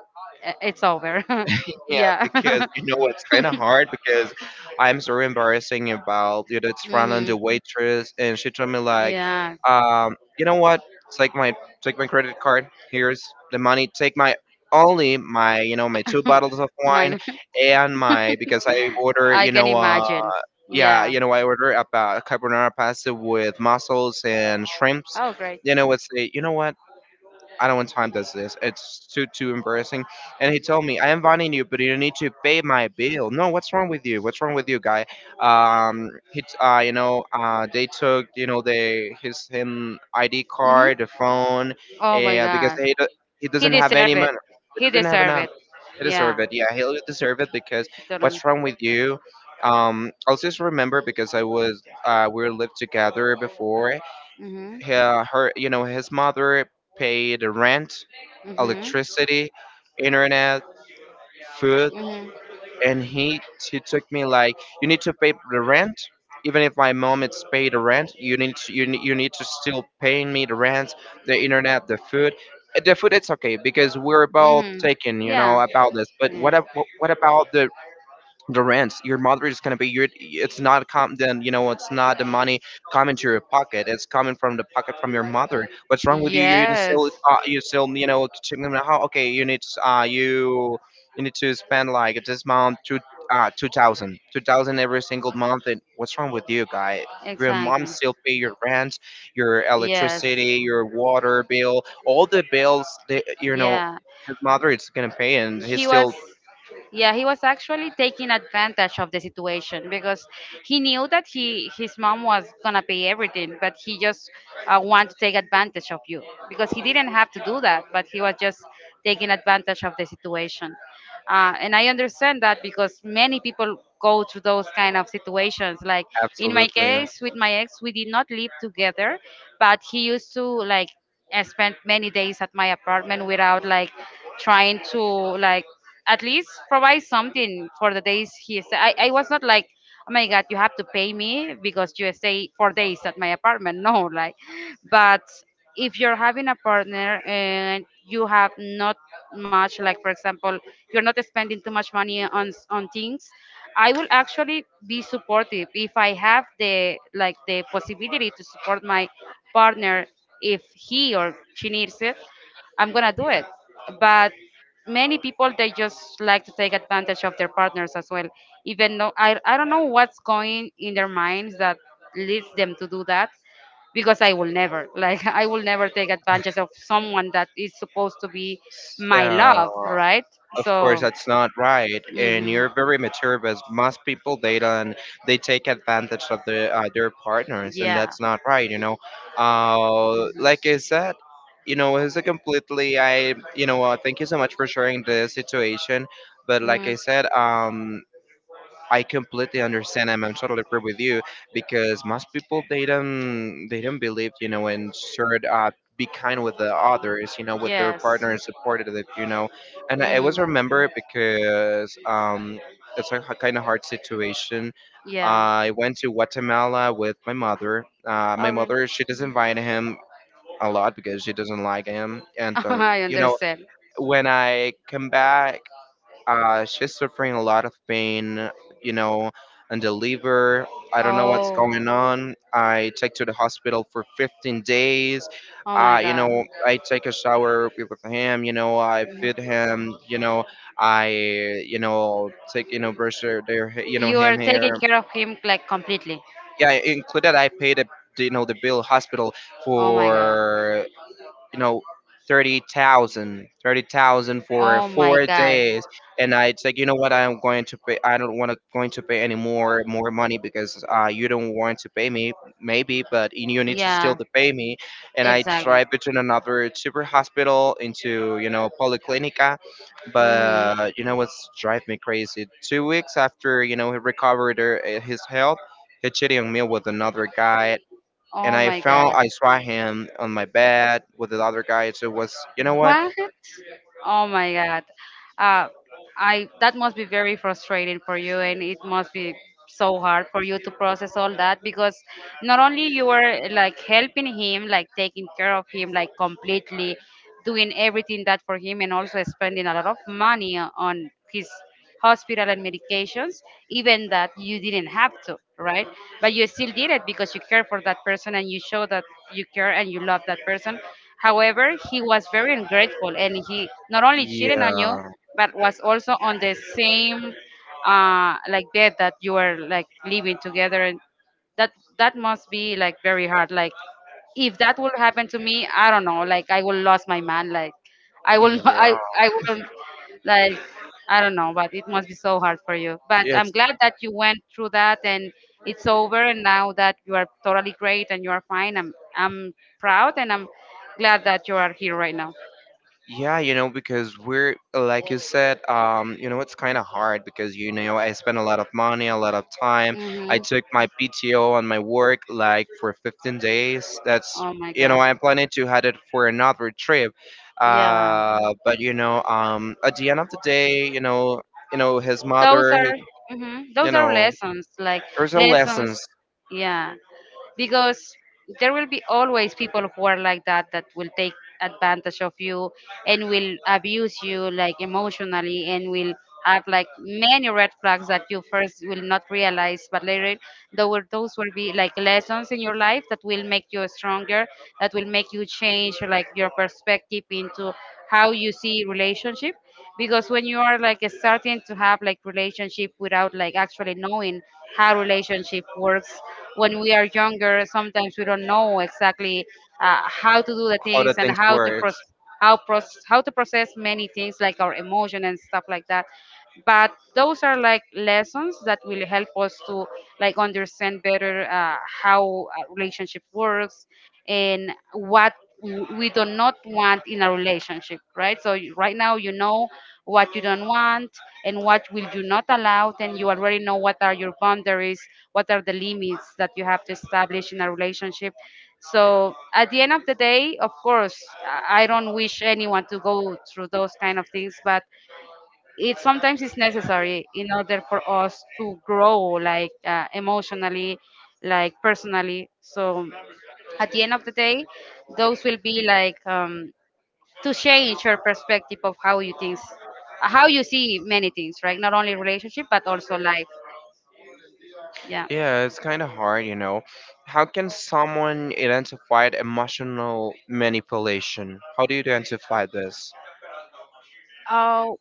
Speaker 2: it's over.
Speaker 1: Yeah,
Speaker 2: Yeah.
Speaker 1: because, you know, it's kind of hard because I'm so embarrassing about, you know, it's Franlon
Speaker 2: Hmm.
Speaker 1: the waitress, and she told me like,
Speaker 2: Yeah.
Speaker 1: you know what? Take my Take my credit card. Here's the money. Take my only my, you know, my 2 bottles of wine,
Speaker 2: My,
Speaker 1: and my, because I order,
Speaker 2: I
Speaker 1: you
Speaker 2: can
Speaker 1: know,
Speaker 2: imagine.
Speaker 1: yeah,
Speaker 2: Yeah.
Speaker 1: you know, I order about carbonara pasta with mussels and shrimps.
Speaker 2: Oh, great.
Speaker 1: You know it's a, you know what? I don't want time that's this. It's too embarrassing. And he told me, I am inviting you, but you need to pay my bill. No, what's wrong with you? What's wrong with you, guy? You know, they took, you know, the his him ID
Speaker 2: Hmm.
Speaker 1: card, the phone,
Speaker 2: Oh my
Speaker 1: and because
Speaker 2: God.
Speaker 1: he do- he
Speaker 2: He
Speaker 1: doesn't have
Speaker 2: deserved
Speaker 1: any
Speaker 2: it.
Speaker 1: money. He
Speaker 2: He
Speaker 1: doesn't have
Speaker 2: deserved
Speaker 1: enough.
Speaker 2: it.
Speaker 1: He deserve
Speaker 2: Yeah.
Speaker 1: it. Yeah, he'll deserve it because
Speaker 2: Totally.
Speaker 1: what's wrong with you? I'll just remember because I was we lived together before,
Speaker 2: Mhm.
Speaker 1: her, her you know his mother paid rent,
Speaker 2: Mhm.
Speaker 1: electricity, internet, food,
Speaker 2: Mhm.
Speaker 1: and he took me like, you need to pay the rent. Even if my mom it's paid the rent, you need to, you need to still paying me the rent, the internet, the food. The food it's okay because we're both
Speaker 2: Mhm.
Speaker 1: taking you know
Speaker 2: Yeah.
Speaker 1: about this, but
Speaker 2: Yeah.
Speaker 1: what about the rents? Your mother is going to be your it's not com, then you know it's not the money coming to your pocket, it's coming from the pocket from your mother. What's wrong with you? You're
Speaker 2: Yes.
Speaker 1: still you still you know checking them. How, okay, you need to, you you need to spend like this month 2,000, 2,000 every single month. And what's wrong with you, guy? Your mom
Speaker 2: Exactly.
Speaker 1: still pay your rent, your
Speaker 2: Yes.
Speaker 1: electricity, your water bill, all the bills that you know
Speaker 2: Yeah.
Speaker 1: his mother is gonna pay, and he's
Speaker 2: He was,
Speaker 1: still.
Speaker 2: yeah, he was actually taking advantage of the situation because he knew that he his mom was gonna pay everything, but he just wanted to take advantage of you because he didn't have to do that, but he was just taking advantage of the situation. And I understand that because many people go to those kind of situations, like in my
Speaker 1: Absolutely.
Speaker 2: case with my ex we did not live together, but he used to like, I spent many days at my apartment without like trying to like at least provide something for the days he stayed. I was not like, oh my god, you have to pay me because you stay 4 days at my apartment. No, like, but if you're having a partner and you have not much, like for example, you're not spending too much money on on things. I will actually be supportive if I have the possibility to support my partner if he or she needs it, I'm gonna do it. But many people they just like to take advantage of their partners as well. Even though I don't know what's going in their minds that leads them to do that because I will never like I will never take advantage of someone that is supposed to be my
Speaker 1: So,
Speaker 2: love, right?
Speaker 1: of course,
Speaker 2: So,
Speaker 1: that's not right, and
Speaker 2: hmm
Speaker 1: you're very mature. But most people they don't, they take advantage of the their partners, and
Speaker 2: yeah,
Speaker 1: that's not right. You know,
Speaker 2: hmm
Speaker 1: like I said, you know, it's a completely. I, you know, thank you so much for sharing the situation. But like
Speaker 2: hmm
Speaker 1: I said, I completely understand and I'm totally agree with you because most people they don't believe you know and should be kind with the others you know with their
Speaker 2: yes,
Speaker 1: partner and supportive you know. And I always
Speaker 2: hmm
Speaker 1: remember it because it's a kind of hard situation.
Speaker 2: yeah.
Speaker 1: I went to Guatemala with my mother. My
Speaker 2: Oh, really?
Speaker 1: mother she doesn't invite him a lot because she doesn't like him and
Speaker 2: I
Speaker 1: you know
Speaker 2: understand.
Speaker 1: when I come back, she's suffering a lot of pain, you know, and the liver. I don't know what's
Speaker 2: Oh,
Speaker 1: going on. I take to the hospital for 15 days.
Speaker 2: oh my
Speaker 1: You
Speaker 2: God.
Speaker 1: know, I take a shower with him. You know, I feed him. You know, I you know take you know brush you know
Speaker 2: You are
Speaker 1: him
Speaker 2: taking
Speaker 1: hair.
Speaker 2: care of him like completely.
Speaker 1: Yeah, included. I paid the you know the bill hospital
Speaker 2: Oh my God.
Speaker 1: for you know, 30,000, 30,000 for
Speaker 2: Oh my
Speaker 1: four
Speaker 2: God.
Speaker 1: days. And I it's like, you know what? I'm going to pay. I don't want to going to pay any more money because you don't want to pay me, maybe, but you need to still
Speaker 2: Yeah,
Speaker 1: to pay me. And I
Speaker 2: exactly.
Speaker 1: tried between another super hospital into you know polyclinica, but
Speaker 2: Mm-hmm.
Speaker 1: you know what's drive me crazy? 2 weeks after you know he recovered her, his health, he cheated on me with another guy, and
Speaker 2: Oh
Speaker 1: I
Speaker 2: my God.
Speaker 1: found I saw him on my bed with the other guy. So it was, you know what?
Speaker 2: What? Oh my God. Uh, I that must be very frustrating for you, and it must be so hard for you to process all that because not only you were like helping him, like taking care of him, like completely doing everything that for him, and also spending a lot of money on his hospital and medications, even that you didn't have to, right? But you still did it because you care for that person and you show that you care and you love that person. However, he was very ungrateful and he not only cheated on you,
Speaker 1: Yeah,
Speaker 2: but was also on the same like bed that you were like living together and that that must be like very hard like if that will happen to me, I don't know. Like I will lose my man. Like I will. I
Speaker 1: yeah,
Speaker 2: I will. Like I don't know. But it must be so hard for you. But I'm
Speaker 1: yes,
Speaker 2: glad that you went through that and it's over. And now that you are totally great and you are fine, I'm proud and I'm glad that you are here right now.
Speaker 1: yeah. You know, because we're like you said, you know, it's kind of hard because you know I spent a lot of money, a lot of time. I
Speaker 2: Mhm.
Speaker 1: took my PTO on my work like for 15 days. That's
Speaker 2: Oh my
Speaker 1: you know
Speaker 2: God.
Speaker 1: I'm planning to head it for another trip.
Speaker 2: Yeah.
Speaker 1: Uh, but you know, at the end of the day, you know his
Speaker 2: Those are
Speaker 1: mother.
Speaker 2: mhm,
Speaker 1: You
Speaker 2: those are
Speaker 1: know,
Speaker 2: lessons, like
Speaker 1: there's a
Speaker 2: lessons.
Speaker 1: lessons
Speaker 2: Yeah, because there will be always people who are like that that will take advantage of you and will abuse you like emotionally and will have like many red flags that you first will not realize but later those will be like lessons in your life that will make you stronger that will make you change like your perspective into how you see relationship because when you are like starting to have like relationship without like actually knowing how relationship works when we are younger sometimes we don't know exactly how to do the
Speaker 1: how
Speaker 2: things
Speaker 1: the
Speaker 2: and
Speaker 1: things
Speaker 2: how to
Speaker 1: works.
Speaker 2: process how to process many things like our emotion and stuff like that but those are like lessons that will help us to like understand better how a relationship works and what we do not want in a relationship, right? So right now you know what you don't want and what will you not allow and you already know what are your boundaries, what are the limits that you have to establish in a relationship. So at the end of the day, of course, I don't wish anyone to go through those kind of things but it sometimes is necessary in order for us to grow like emotionally, like personally. So at the end of the day those will be like to change your perspective of how you think, how you see many things, right? Not only relationship but also life. Yeah.
Speaker 1: Yeah, it's kind of hard, you know. How can someone identify emotional manipulation? How do you identify this?
Speaker 2: Oh,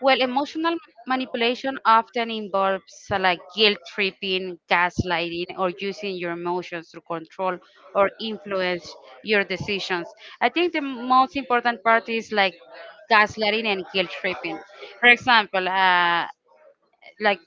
Speaker 2: well, emotional manipulation often involves like guilt tripping, gaslighting, or using your emotions to control or influence your decisions. I think the most important part is like gaslighting and guilt tripping. For example, like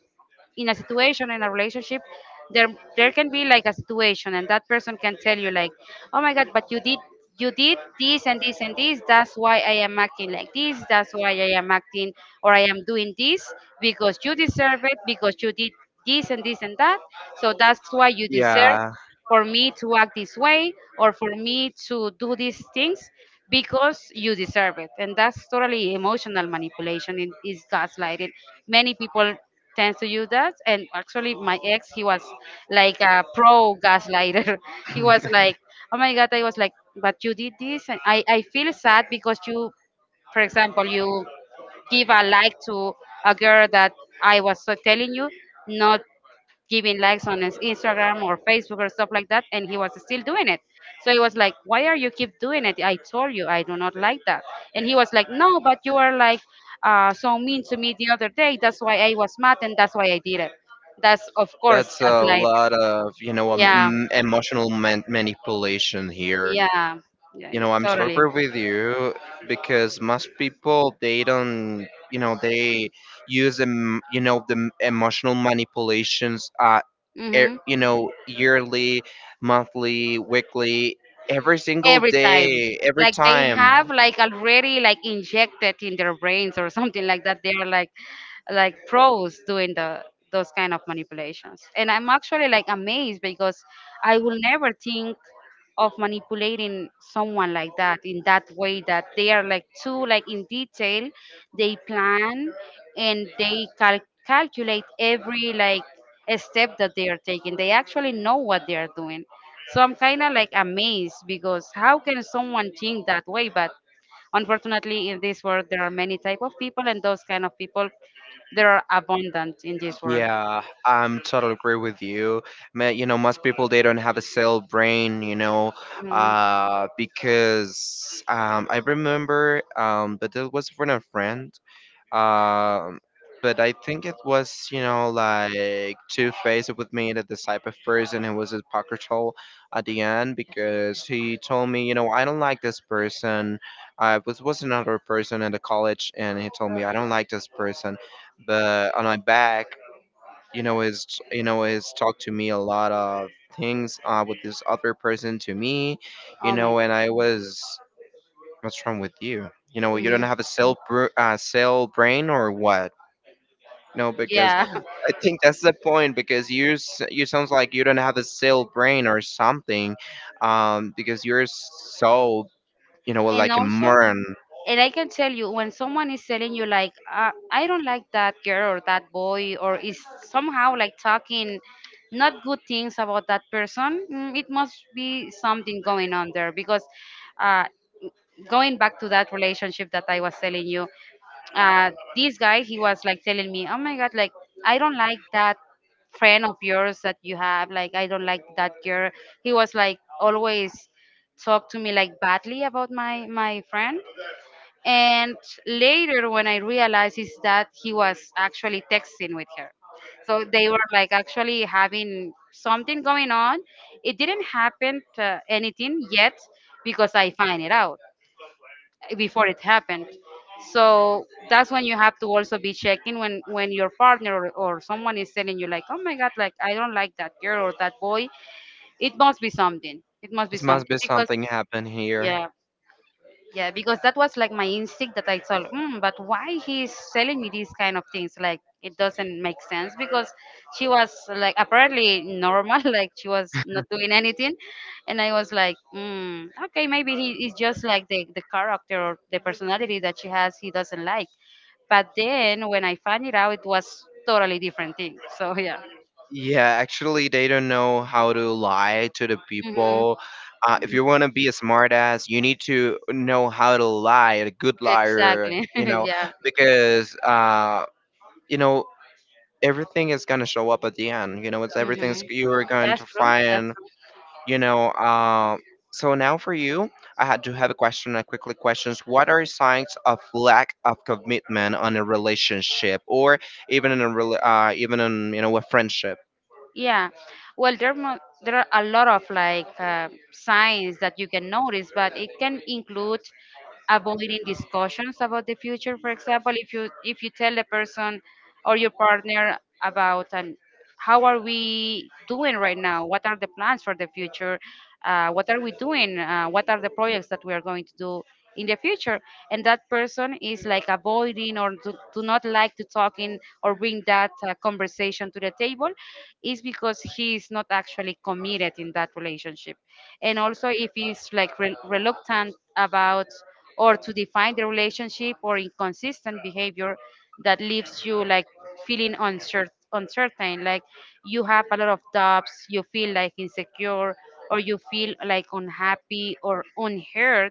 Speaker 2: in a situation in a relationship there there can be like a situation and that person can tell you like, oh my god, but you did this and this and this, that's why I am acting like this, that's why I am acting or I am doing this, because you deserve it, because you did this and this and that, so that's why you deserve
Speaker 1: Yeah,
Speaker 2: for me to act this way or for me to do these things because you deserve it. And that's totally emotional manipulation, it is gaslighting. Many people tend to use that, and actually my ex he was like a pro gaslighter. He was like, oh my god, I was like, but you did this and i feel sad because you for example you give a like to a girl that I was so telling you not giving likes on his Instagram or Facebook or stuff like that, and he was still doing it. So he was like, "Why are you keep doing it? I told you I do not like that." And he was like, "No, but you are like so mean to me the other day. That's why I was mad, and that's why I did it." That's of course
Speaker 1: that's
Speaker 2: that's
Speaker 1: a
Speaker 2: like,
Speaker 1: lot of, you know,
Speaker 2: yeah,
Speaker 1: emotional manipulation here.
Speaker 2: yeah, yeah,
Speaker 1: You
Speaker 2: yeah,
Speaker 1: know, I'm totally
Speaker 2: totally.
Speaker 1: agree with you because most people they don't, you know, they use em, you know the emotional manipulations
Speaker 2: Mm-hmm.
Speaker 1: you know, yearly, monthly, weekly, every single
Speaker 2: Every time.
Speaker 1: day, every
Speaker 2: Like they
Speaker 1: time.
Speaker 2: have like already like injected in their brains or something like that. They are like pros doing the those kind of manipulations. And I'm actually like amazed because I will never think of manipulating someone like that in that way that they are like too like in detail they plan and they calculate every like a step that they are taking, they actually know what they are doing. So I'm kind of like amazed because how can someone think that way. But unfortunately in this world there are many type of people and those kind of people there are abundant in this world.
Speaker 1: Yeah, I'm totally agree with you. Man, you know, most people they don't have a cell brain, you know,
Speaker 2: Mhm.
Speaker 1: because I remember, but that was from a friend. Um, but I think it was, you know, like two-faced with me, that the type of person who was hypocritical at the end, because he told me, you know, I don't like this person. I was another person in the college, and he told me I don't like this person. But on my back, you know, is you know, is talked to me a lot of things with this other person to me, you
Speaker 2: Oh my
Speaker 1: know,
Speaker 2: god.
Speaker 1: and I was, what's wrong with you? You know, you don't
Speaker 2: Hmm.
Speaker 1: have a cell, cell brain or what? No, because
Speaker 2: Yeah.
Speaker 1: I think that's the point. Because you you sounds like you don't have a cell brain or something, because you're so you know
Speaker 2: And
Speaker 1: like a
Speaker 2: also,
Speaker 1: moron.
Speaker 2: and I can tell you when someone is telling you like I don't like that girl or that boy, or is somehow like talking not good things about that person, mm, it must be something going on there because uh, going back to that relationship that I was telling you, this guy he was like telling me, oh my god, like I don't like that friend of yours that you have, like I don't like that girl. He was like always talk to me like badly about my friend. And later, when I realized is that he was actually texting with her. So they were like actually having something going on. It didn't happen anything yet because I find it out before it happened. So that's when you have to also be checking when your partner or someone is telling you like, oh my god, like I don't like that girl or that boy. It must be something. It must be
Speaker 1: This must
Speaker 2: something
Speaker 1: be
Speaker 2: because
Speaker 1: something happened here.
Speaker 2: yeah, yeah, because that was like my instinct that I thought, mm, but why he's selling me these kind of things? Like it doesn't make sense because she was like apparently normal, like she was not doing anything, and I was like, mm, okay, maybe he is just like the character or the personality that she has, he doesn't like. But then when I found it out, it was totally different thing. So yeah,
Speaker 1: Yeah, actually, they don't know how to lie to the
Speaker 2: hmm
Speaker 1: people. If you want to be a smartass, you need to know how to lie, a good liar,
Speaker 2: exactly,
Speaker 1: you know,
Speaker 2: yeah,
Speaker 1: because, you know, everything is going to show up at the end. You know, it's everything's
Speaker 2: hmm
Speaker 1: you're going
Speaker 2: that's
Speaker 1: to
Speaker 2: true, that's
Speaker 1: find.
Speaker 2: true.
Speaker 1: You know, so now for you, I had to have a question. I quickly questions: what are signs of lack of commitment on a relationship, or even in a even in you know a friendship?
Speaker 2: Yeah, well, there there are a lot of like signs that you can notice, but it can include avoiding discussions about the future. For example, if you tell the person or your partner about how are we doing right now, what are the plans for the future, what are we doing, what are the projects that we are going to do in the future, and that person is like avoiding or do not like to talk in or bring that conversation to the table, is because he is not actually committed in that relationship. And also if he's like reluctant about or to define the relationship or inconsistent behavior that leaves you like feeling uncertain, like you have a lot of doubts, you feel like insecure or you feel like unhappy or unheard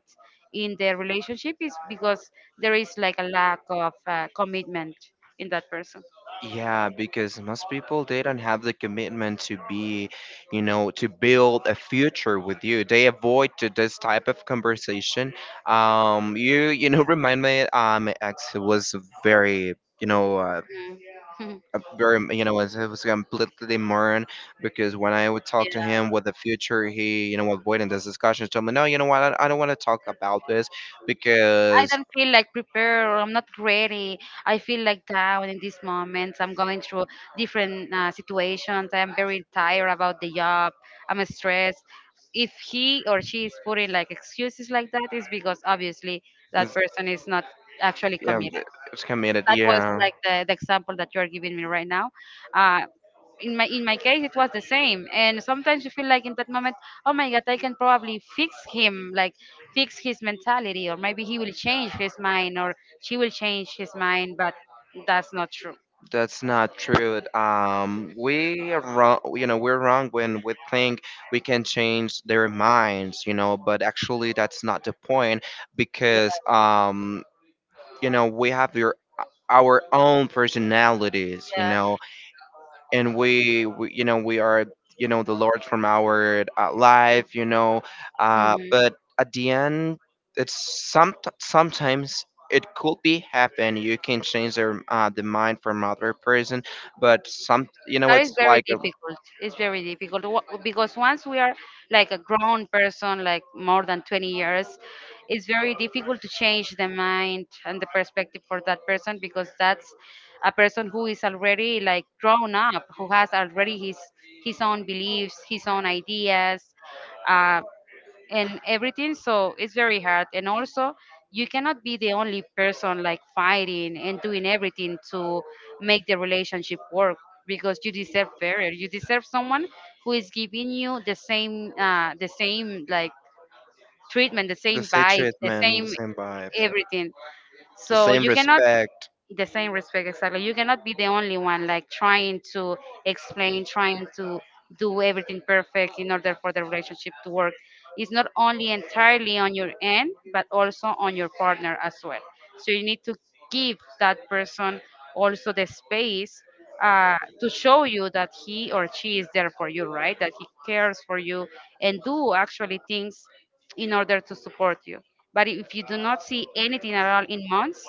Speaker 2: in the relationship, is because there is like a lack of commitment in that person.
Speaker 1: Yeah, because most people they don't have the commitment to be, you know, to build a future with you. They avoid to this type of conversation. You you know remind me, my ex was very you know.
Speaker 2: Mm.
Speaker 1: A very you know was completely moron, because when I would talk to
Speaker 2: Yeah,
Speaker 1: him with the future, he you know avoiding this discussion. Told me, no, you know what, I don't want to talk about this
Speaker 2: I
Speaker 1: because
Speaker 2: don't feel like prepared or I'm not ready. I feel like down in these moments. I'm going through different situations. I'm very tired about the job. I'm stressed. If he or she is putting like excuses like that, it's because obviously that
Speaker 1: it's,
Speaker 2: person is not actually
Speaker 1: um,
Speaker 2: committed.
Speaker 1: it's committed.
Speaker 2: That was
Speaker 1: Yeah,
Speaker 2: like the example that you're giving me right now. Uh, in my case, it was the same. And sometimes you feel like in that moment, oh my God, I can probably fix him, like fix his mentality, or maybe he will change his mind, or she will change his mind. But that's not true.
Speaker 1: that's not true. We are wrong. You know, we're wrong when we think we can change their minds. You know, but actually that's not the point
Speaker 2: Yeah.
Speaker 1: because you know we have your our own personalities. You know and we you know we are you know the lord from our life you know
Speaker 2: Mhm.
Speaker 1: but at the end it's some sometimes it could be happen you can change their the mind from other person, but some you know
Speaker 2: That
Speaker 1: it's
Speaker 2: is very
Speaker 1: like a,
Speaker 2: difficult. It's very difficult. Because once we are like a grown person, like more than 20 years, it's very difficult to change the mind and the perspective for that person because that's a person who is already like grown up, who has already his own beliefs, his own ideas uh, and everything. So it's very hard, and also you cannot be the only person like fighting and doing everything to make the relationship work, because you deserve better. You deserve someone who is giving you the same like treatment, the
Speaker 1: the
Speaker 2: same
Speaker 1: same
Speaker 2: vibe, the
Speaker 1: treatment, the
Speaker 2: same
Speaker 1: same vibes,
Speaker 2: everything.
Speaker 1: the
Speaker 2: So
Speaker 1: same
Speaker 2: you cannot,
Speaker 1: respect.
Speaker 2: the same respect, exactly. You cannot be the only one like trying to explain, trying to do everything perfect in order for the relationship to work. It's not only entirely on your end, but also on your partner as well. So you need to give that person also the space, to show you that he or she is there for you, right? That he cares for you and do actually things in order to support you. But if you do not see anything at all in months,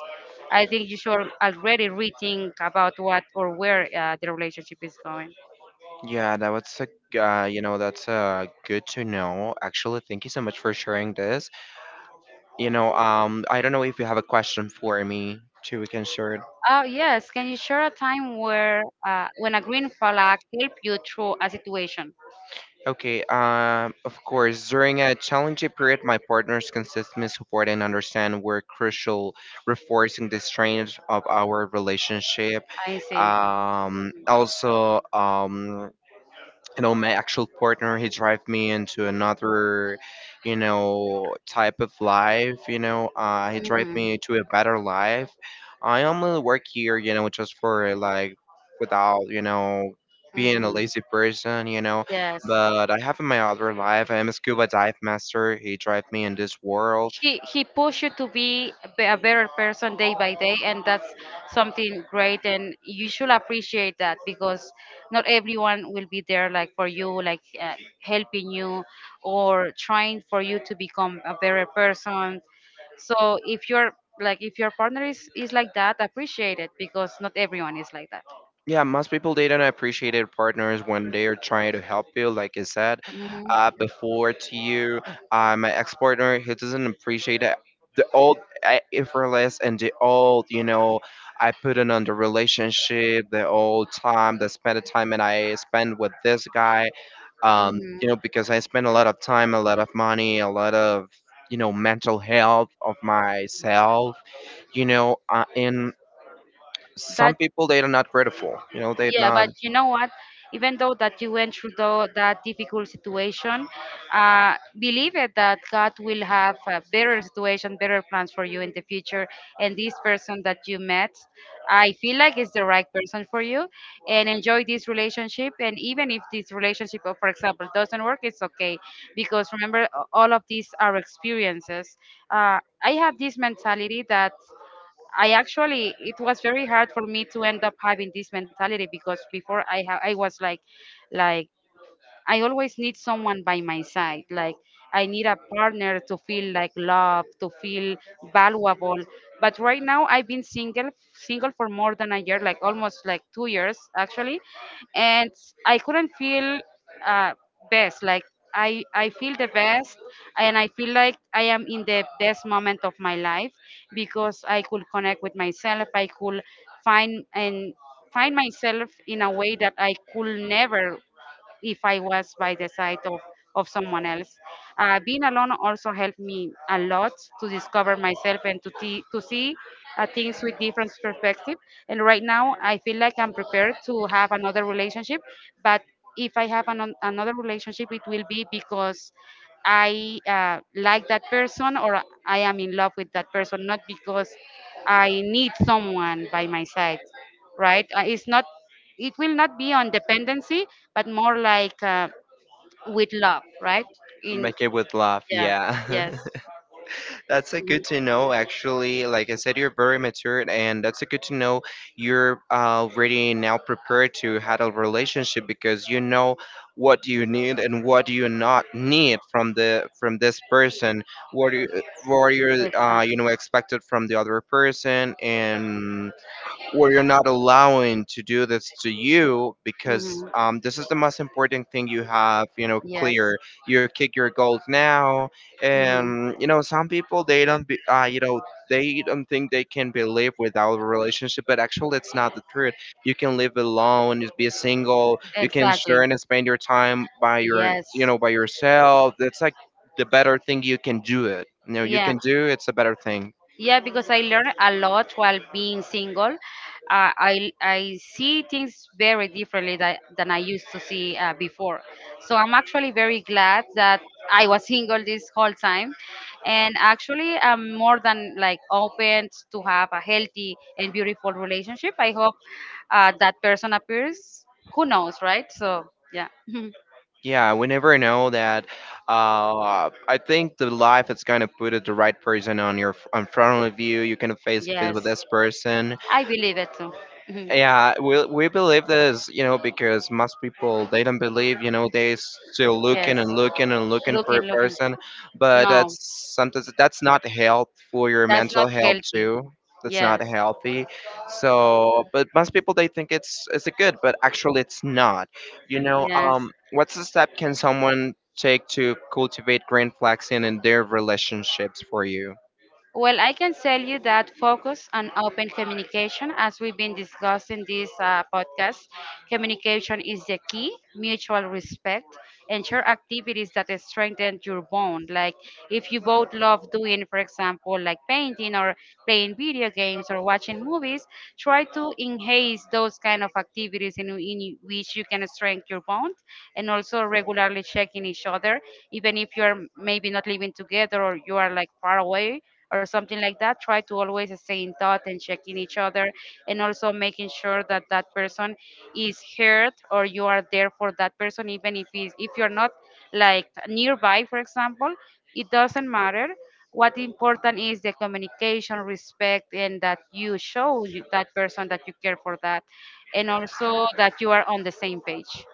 Speaker 2: I think you should already rethink about what or where the relationship is going.
Speaker 1: Yeah, that was a you know that's good to know. Actually thank you so much for sharing this. You know, I don't know if you have a question for me to we can share it.
Speaker 2: Oh yes, can you share a time where when a green flag helped you through a situation?
Speaker 1: Okay, of course, during a challenging period, my partner's consistent support and understand were crucial, reinforcing the strength of our relationship.
Speaker 2: I see.
Speaker 1: Also, you know my actual partner he drive me into another you know type of life, you know, he drive
Speaker 2: Hmm.
Speaker 1: me to a better life. I only work here you know just for like without you know being a
Speaker 2: Hmm.
Speaker 1: lazy person, you know,
Speaker 2: Yes.
Speaker 1: but I have in my other life I'm a scuba dive master, he drive me in this world.
Speaker 2: He pushed you to be a better person day by day, and that's something great, and you should appreciate that, because not everyone will be there like for you, like helping you or trying for you to become a better person. So if you're, like, if your partner is like that, appreciate it, because not everyone is like that.
Speaker 1: Yeah, most people they don't appreciate their partners when they are trying to help you. Like I said,
Speaker 2: Hmm.
Speaker 1: before to you, my ex partner he doesn't appreciate the old effortless and the old, I put in on the relationship, the old time, the spend the time that I spend with this guy,
Speaker 2: Hmm.
Speaker 1: you know, because I spend a lot of time, a lot of money, a lot of mental health of myself. In some people they are not grateful, they
Speaker 2: Yeah,
Speaker 1: not
Speaker 2: but you know what? Even though that you went through that difficult situation, believe it that God will have a better situation, better plans for you in the future. And this person that you met, I feel like is the right person for you. And enjoy this relationship. And even if this relationship, for example, doesn't work, it's okay, because remember, all of these are experiences. I have this mentality that, I actually, it was very hard for me to end up having this mentality, because before I was like, I always need someone by my side. Like I need a partner to feel like love, to feel valuable. But right now I've been single for more than a year, like almost like 2 years actually. And I couldn't feel uh, best. Like I feel the best, and I feel like I am in the best moment of my life, because I could connect with myself. I could find and find myself in a way that I could never, if I was by the side of someone else. Being alone also helped me a lot to discover myself and to, to see things with different perspective. And right now, I feel like I'm prepared to have another relationship. But if I have an, another relationship, it will be because I, like that person or I am in love with that person, not because I need someone by my side, right? It's not. It will not be on dependency, but more like, with love, right? In,
Speaker 1: make it with love,
Speaker 2: yeah, yes,
Speaker 1: yeah. That's a good to
Speaker 2: mhm,
Speaker 1: know, actually. Like I said, you're very mature and that's a good to know. You're already now prepared to handle relationship because you know what you need and what do you not need from the from this person, what you what you're you
Speaker 2: exactly.
Speaker 1: know expected from the other person, and or you're not allowing to do this to you because
Speaker 2: Hmm.
Speaker 1: this is the most important thing you have, you know
Speaker 2: Yes.
Speaker 1: clear. You kick your goals now,
Speaker 2: Hmm.
Speaker 1: and you know some people they don't be you know, they don't think they can be live without a relationship, but actually it's not the truth. You can live alone, you be single, you can share
Speaker 2: Exactly.
Speaker 1: and spend your time by your,
Speaker 2: Yes,
Speaker 1: you know, by yourself. That's like the better thing you can do it, you know, you
Speaker 2: yeah.
Speaker 1: can do, it's a better thing.
Speaker 2: Yeah, because I learned a lot while being single. I see things very differently that, than I used to see before. So I'm actually very glad that I was single this whole time, and actually I'm more than like open to have a healthy and beautiful relationship. I hope that person appears. Who knows, right? So yeah,
Speaker 1: Yeah, we never know that. I think the life is gonna put it the right person on your in front of you. You can face to face
Speaker 2: yes,
Speaker 1: with this person,
Speaker 2: I believe it too.
Speaker 1: yeah, we believe this, you know, because most people they don't believe, you know, they still
Speaker 2: Yes,
Speaker 1: looking and looking and looking for
Speaker 2: looking,
Speaker 1: a
Speaker 2: looking.
Speaker 1: person, but
Speaker 2: No.
Speaker 1: that's sometimes that's not health for your
Speaker 2: That's
Speaker 1: mental
Speaker 2: not
Speaker 1: health
Speaker 2: healthy.
Speaker 1: too. That's not
Speaker 2: Yes.
Speaker 1: healthy. So, but most people they think it's a good, but actually it's not. You know,
Speaker 2: Yes.
Speaker 1: what's the step can someone take to cultivate green flags in their relationships for you?
Speaker 2: Well, I can tell you that focus on open communication, as we've been discussing this podcast, communication is the key, mutual respect, ensure activities that strengthen your bond. Like if you both love doing, for example, like painting, or playing video games, or watching movies, try to enhance those kind of activities in which you can strengthen your bond, and also regularly checking each other, even if you're maybe not living together or you are like far away or something like that, try to always stay in touch and checking each other, and also making sure that that person is heard, or you are there for that person, even if is, if you're not like nearby, for example, it doesn't matter. What important is the communication, respect, and that you show that person that you care for that, and also that you are on the same page.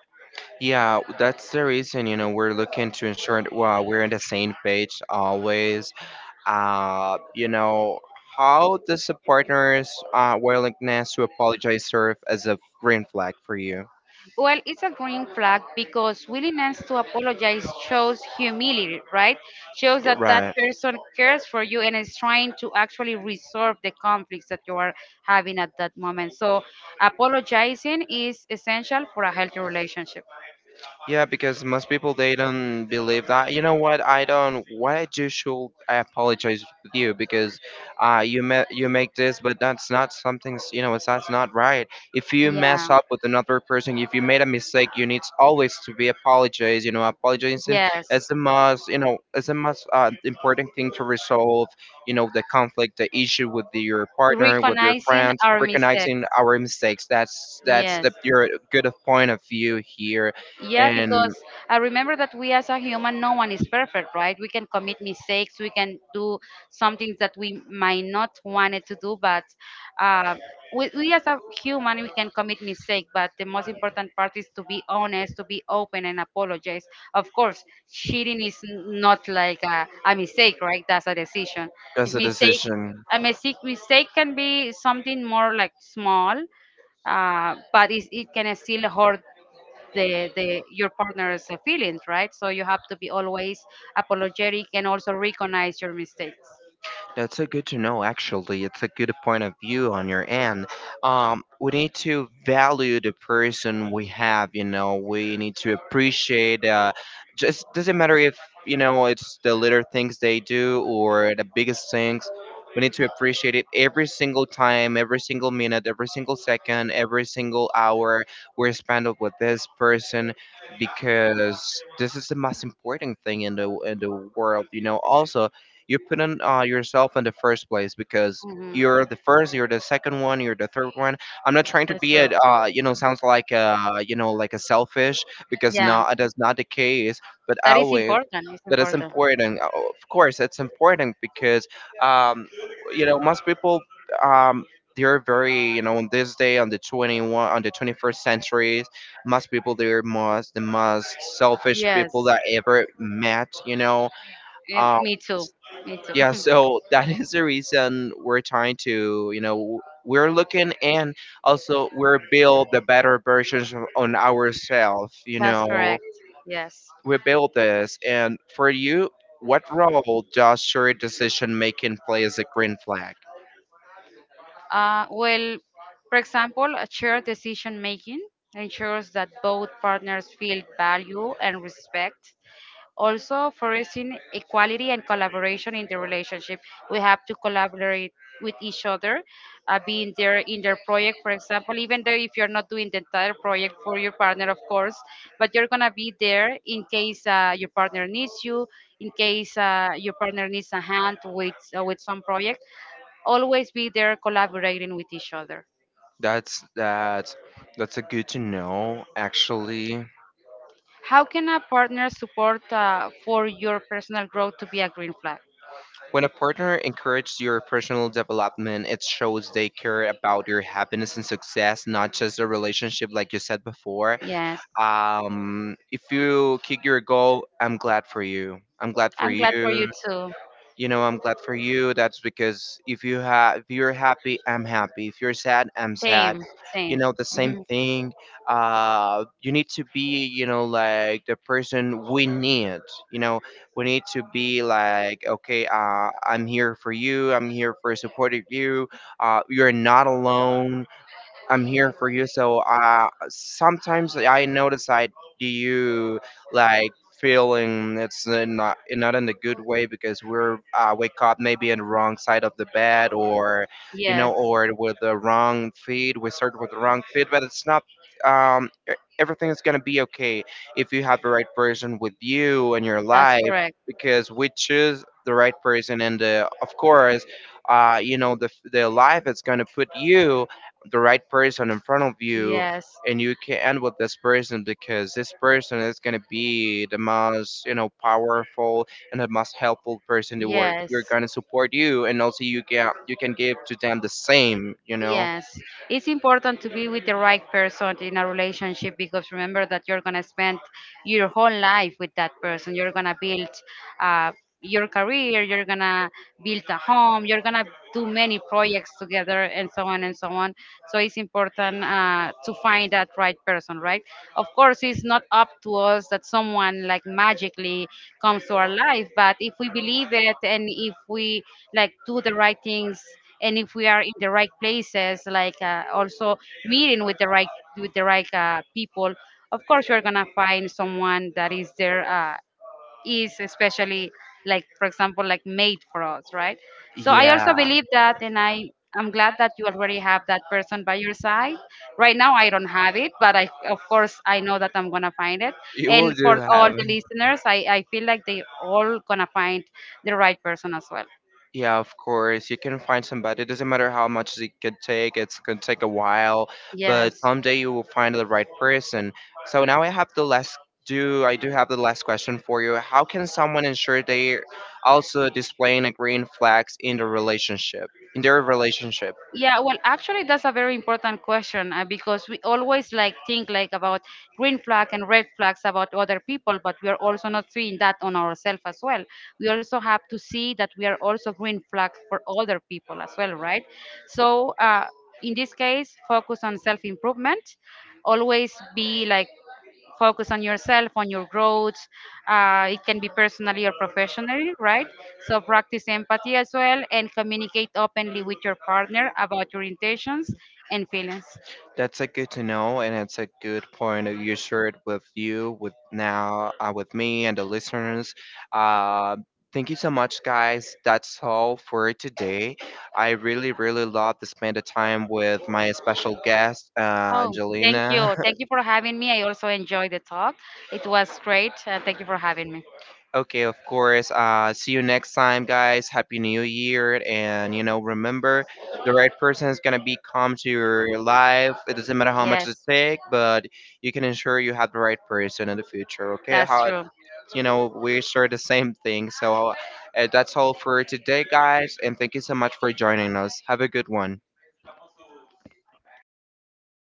Speaker 1: Yeah, that's the reason, you know, we're looking to ensure that wow, we're on the same page always. You know, how does a partner's willingness to apologize serve as a green flag for you?
Speaker 2: Well, it's a green flag because willingness to apologize shows humility, right? Shows
Speaker 1: Yeah,
Speaker 2: that that
Speaker 1: right.
Speaker 2: person cares for you and is trying to actually resolve the conflicts that you are having at that moment. So, apologizing is essential for a healthy relationship.
Speaker 1: Yeah, because most people they don't believe that. You know what? I don't. What I do should I apologize with you because, you you make this, but that's not something. You know, it's that's not right. If you
Speaker 2: Yeah.
Speaker 1: mess up with another person, if you made a mistake, you need always to be apologized. You know, apologizing
Speaker 2: Yes.
Speaker 1: is the most. You know, is the most important thing to resolve. You know, the conflict, the issue with your partner, with your
Speaker 2: Recognizing
Speaker 1: friends.
Speaker 2: our mistakes.
Speaker 1: Recognizing our mistakes. That's
Speaker 2: Yes.
Speaker 1: the your good of point of view here,
Speaker 2: Yeah,
Speaker 1: and
Speaker 2: because I remember that we as a human, no one is perfect, right? We can commit mistakes, we can do some things that we might not wanted to do, but uh, we as a human, we can commit mistake. But the most important part is to be honest, to be open, and apologize. Of course, cheating is not like a mistake, right? That's a decision.
Speaker 1: that's
Speaker 2: It's
Speaker 1: a
Speaker 2: mistake,
Speaker 1: decision.
Speaker 2: a mistake, mistake can be something more like small, but it can still hurt the your partner's feelings, right? So you have to be always apologetic and also recognize your mistakes.
Speaker 1: That's a good to know, actually. It's a good point of view on your end. We need to value the person we have, you know, we need to appreciate, just doesn't matter if, you know, it's the little things they do or the biggest things. We need to appreciate it every single time, every single minute, every single second, every single hour we're spent with this person because this is the most important thing in the world, you know. Also, you put on yourself in the first place because
Speaker 2: Hmm.
Speaker 1: you're the first, you're the second one, you're the third one. I'm not trying to
Speaker 2: That's
Speaker 1: be a,
Speaker 2: true.
Speaker 1: you know, sounds like a, you know, like a selfish, because
Speaker 2: Yeah,
Speaker 1: no, that's not the case. But
Speaker 2: that is
Speaker 1: always,
Speaker 2: important. It's
Speaker 1: but it's
Speaker 2: important.
Speaker 1: important. Of course, it's important because, um, you know, most people, um, they're very, you know, on this day on the 21, on the 21st century, most people they're most the most selfish
Speaker 2: Yes.
Speaker 1: people that I ever met. You know,
Speaker 2: Yeah,
Speaker 1: um,
Speaker 2: me too. Me too.
Speaker 1: yeah, so that is the reason we're trying to, you know, we're looking, and also we're build the better versions on ourselves, you
Speaker 2: That's
Speaker 1: know,
Speaker 2: correct. Yes.
Speaker 1: we build this. And for you, what role does your decision making play as a green flag?
Speaker 2: Well, for example, a shared decision making ensures that both partners feel value and respect. Also, fostering equality and collaboration in the relationship. We have to collaborate with each other, being there in their project, for example, even though if you're not doing the entire project for your partner, of course, but you're gonna be there in case your partner needs you, in case your partner needs a hand with some project. Always be there collaborating with each other.
Speaker 1: That's that. That's a good to know, actually.
Speaker 2: How can a partner support for your personal growth to be a green flag?
Speaker 1: When a partner encourages your personal development, it shows they care about your happiness and success, not just a relationship, like you said before.
Speaker 2: Yes,
Speaker 1: If you kick your goal, I'm glad for you. I'm glad for
Speaker 2: I'm glad for you
Speaker 1: you.
Speaker 2: too.
Speaker 1: You know, I'm glad for you. That's because if you have, if you're happy, I'm happy. If you're sad, I'm sad.
Speaker 2: Same,
Speaker 1: You
Speaker 2: same.
Speaker 1: know, the same thing. You need to be, you know, like the person we need. You know, we need to be like, okay, I'm here for you. I'm here for supporting you. You're not alone, I'm here for you. So sometimes I notice I do you like feeling it's not in a good way because we're wake up maybe in the wrong side of the bed, or you know,
Speaker 2: Yes,
Speaker 1: or with the wrong feet. We start with the wrong feet, but it's not. Um, e- Everything is gonna be okay if you have the right person with you in your
Speaker 2: that's
Speaker 1: life,
Speaker 2: correct.
Speaker 1: because we choose the right person, and the, of course you know the life is going to put you the right person in front of you,
Speaker 2: Yes,
Speaker 1: and you can end with this person because this person is going to
Speaker 2: yes. Yes, it's important to be with the right person in a relationship, because remember that you're gonna spend your whole life with that person. You're gonna build uh, your career. You're gonna build a home. You're gonna do many projects together, and so on and so on. So it's important to find that right person, right? Of course, it's not up to us that someone like magically comes to our life, but if we believe it, and if we like do the right things, and if we are in the right places, like also meeting with the right, with the right people, of course you're gonna find someone that is there, is especially like, for example, like made for us, right? So I also believe that, and I'm glad that you already have that person by your side. Right now I don't have it, but I, of course, I know that I'm gonna find it, and for all the listeners, I feel like they all gonna find the right person as well. Yes. Yeah, well, actually, that's a very important question because we always like think like about green flag and red flags about other people, but we are also not seeing that on ourselves as well. We also have to see that we are also green flag for other people as well, right? So, in this case, focus on self improvement. Always be like focus on yourself, on your growth. It can be personally or professionally, right? So practice empathy as well, and communicate openly with your partner about your intentions and feelings. Oh, thank you. Thank you for having me. I also enjoyed the talk. It was great. Thank you for having me. Yes, that's true.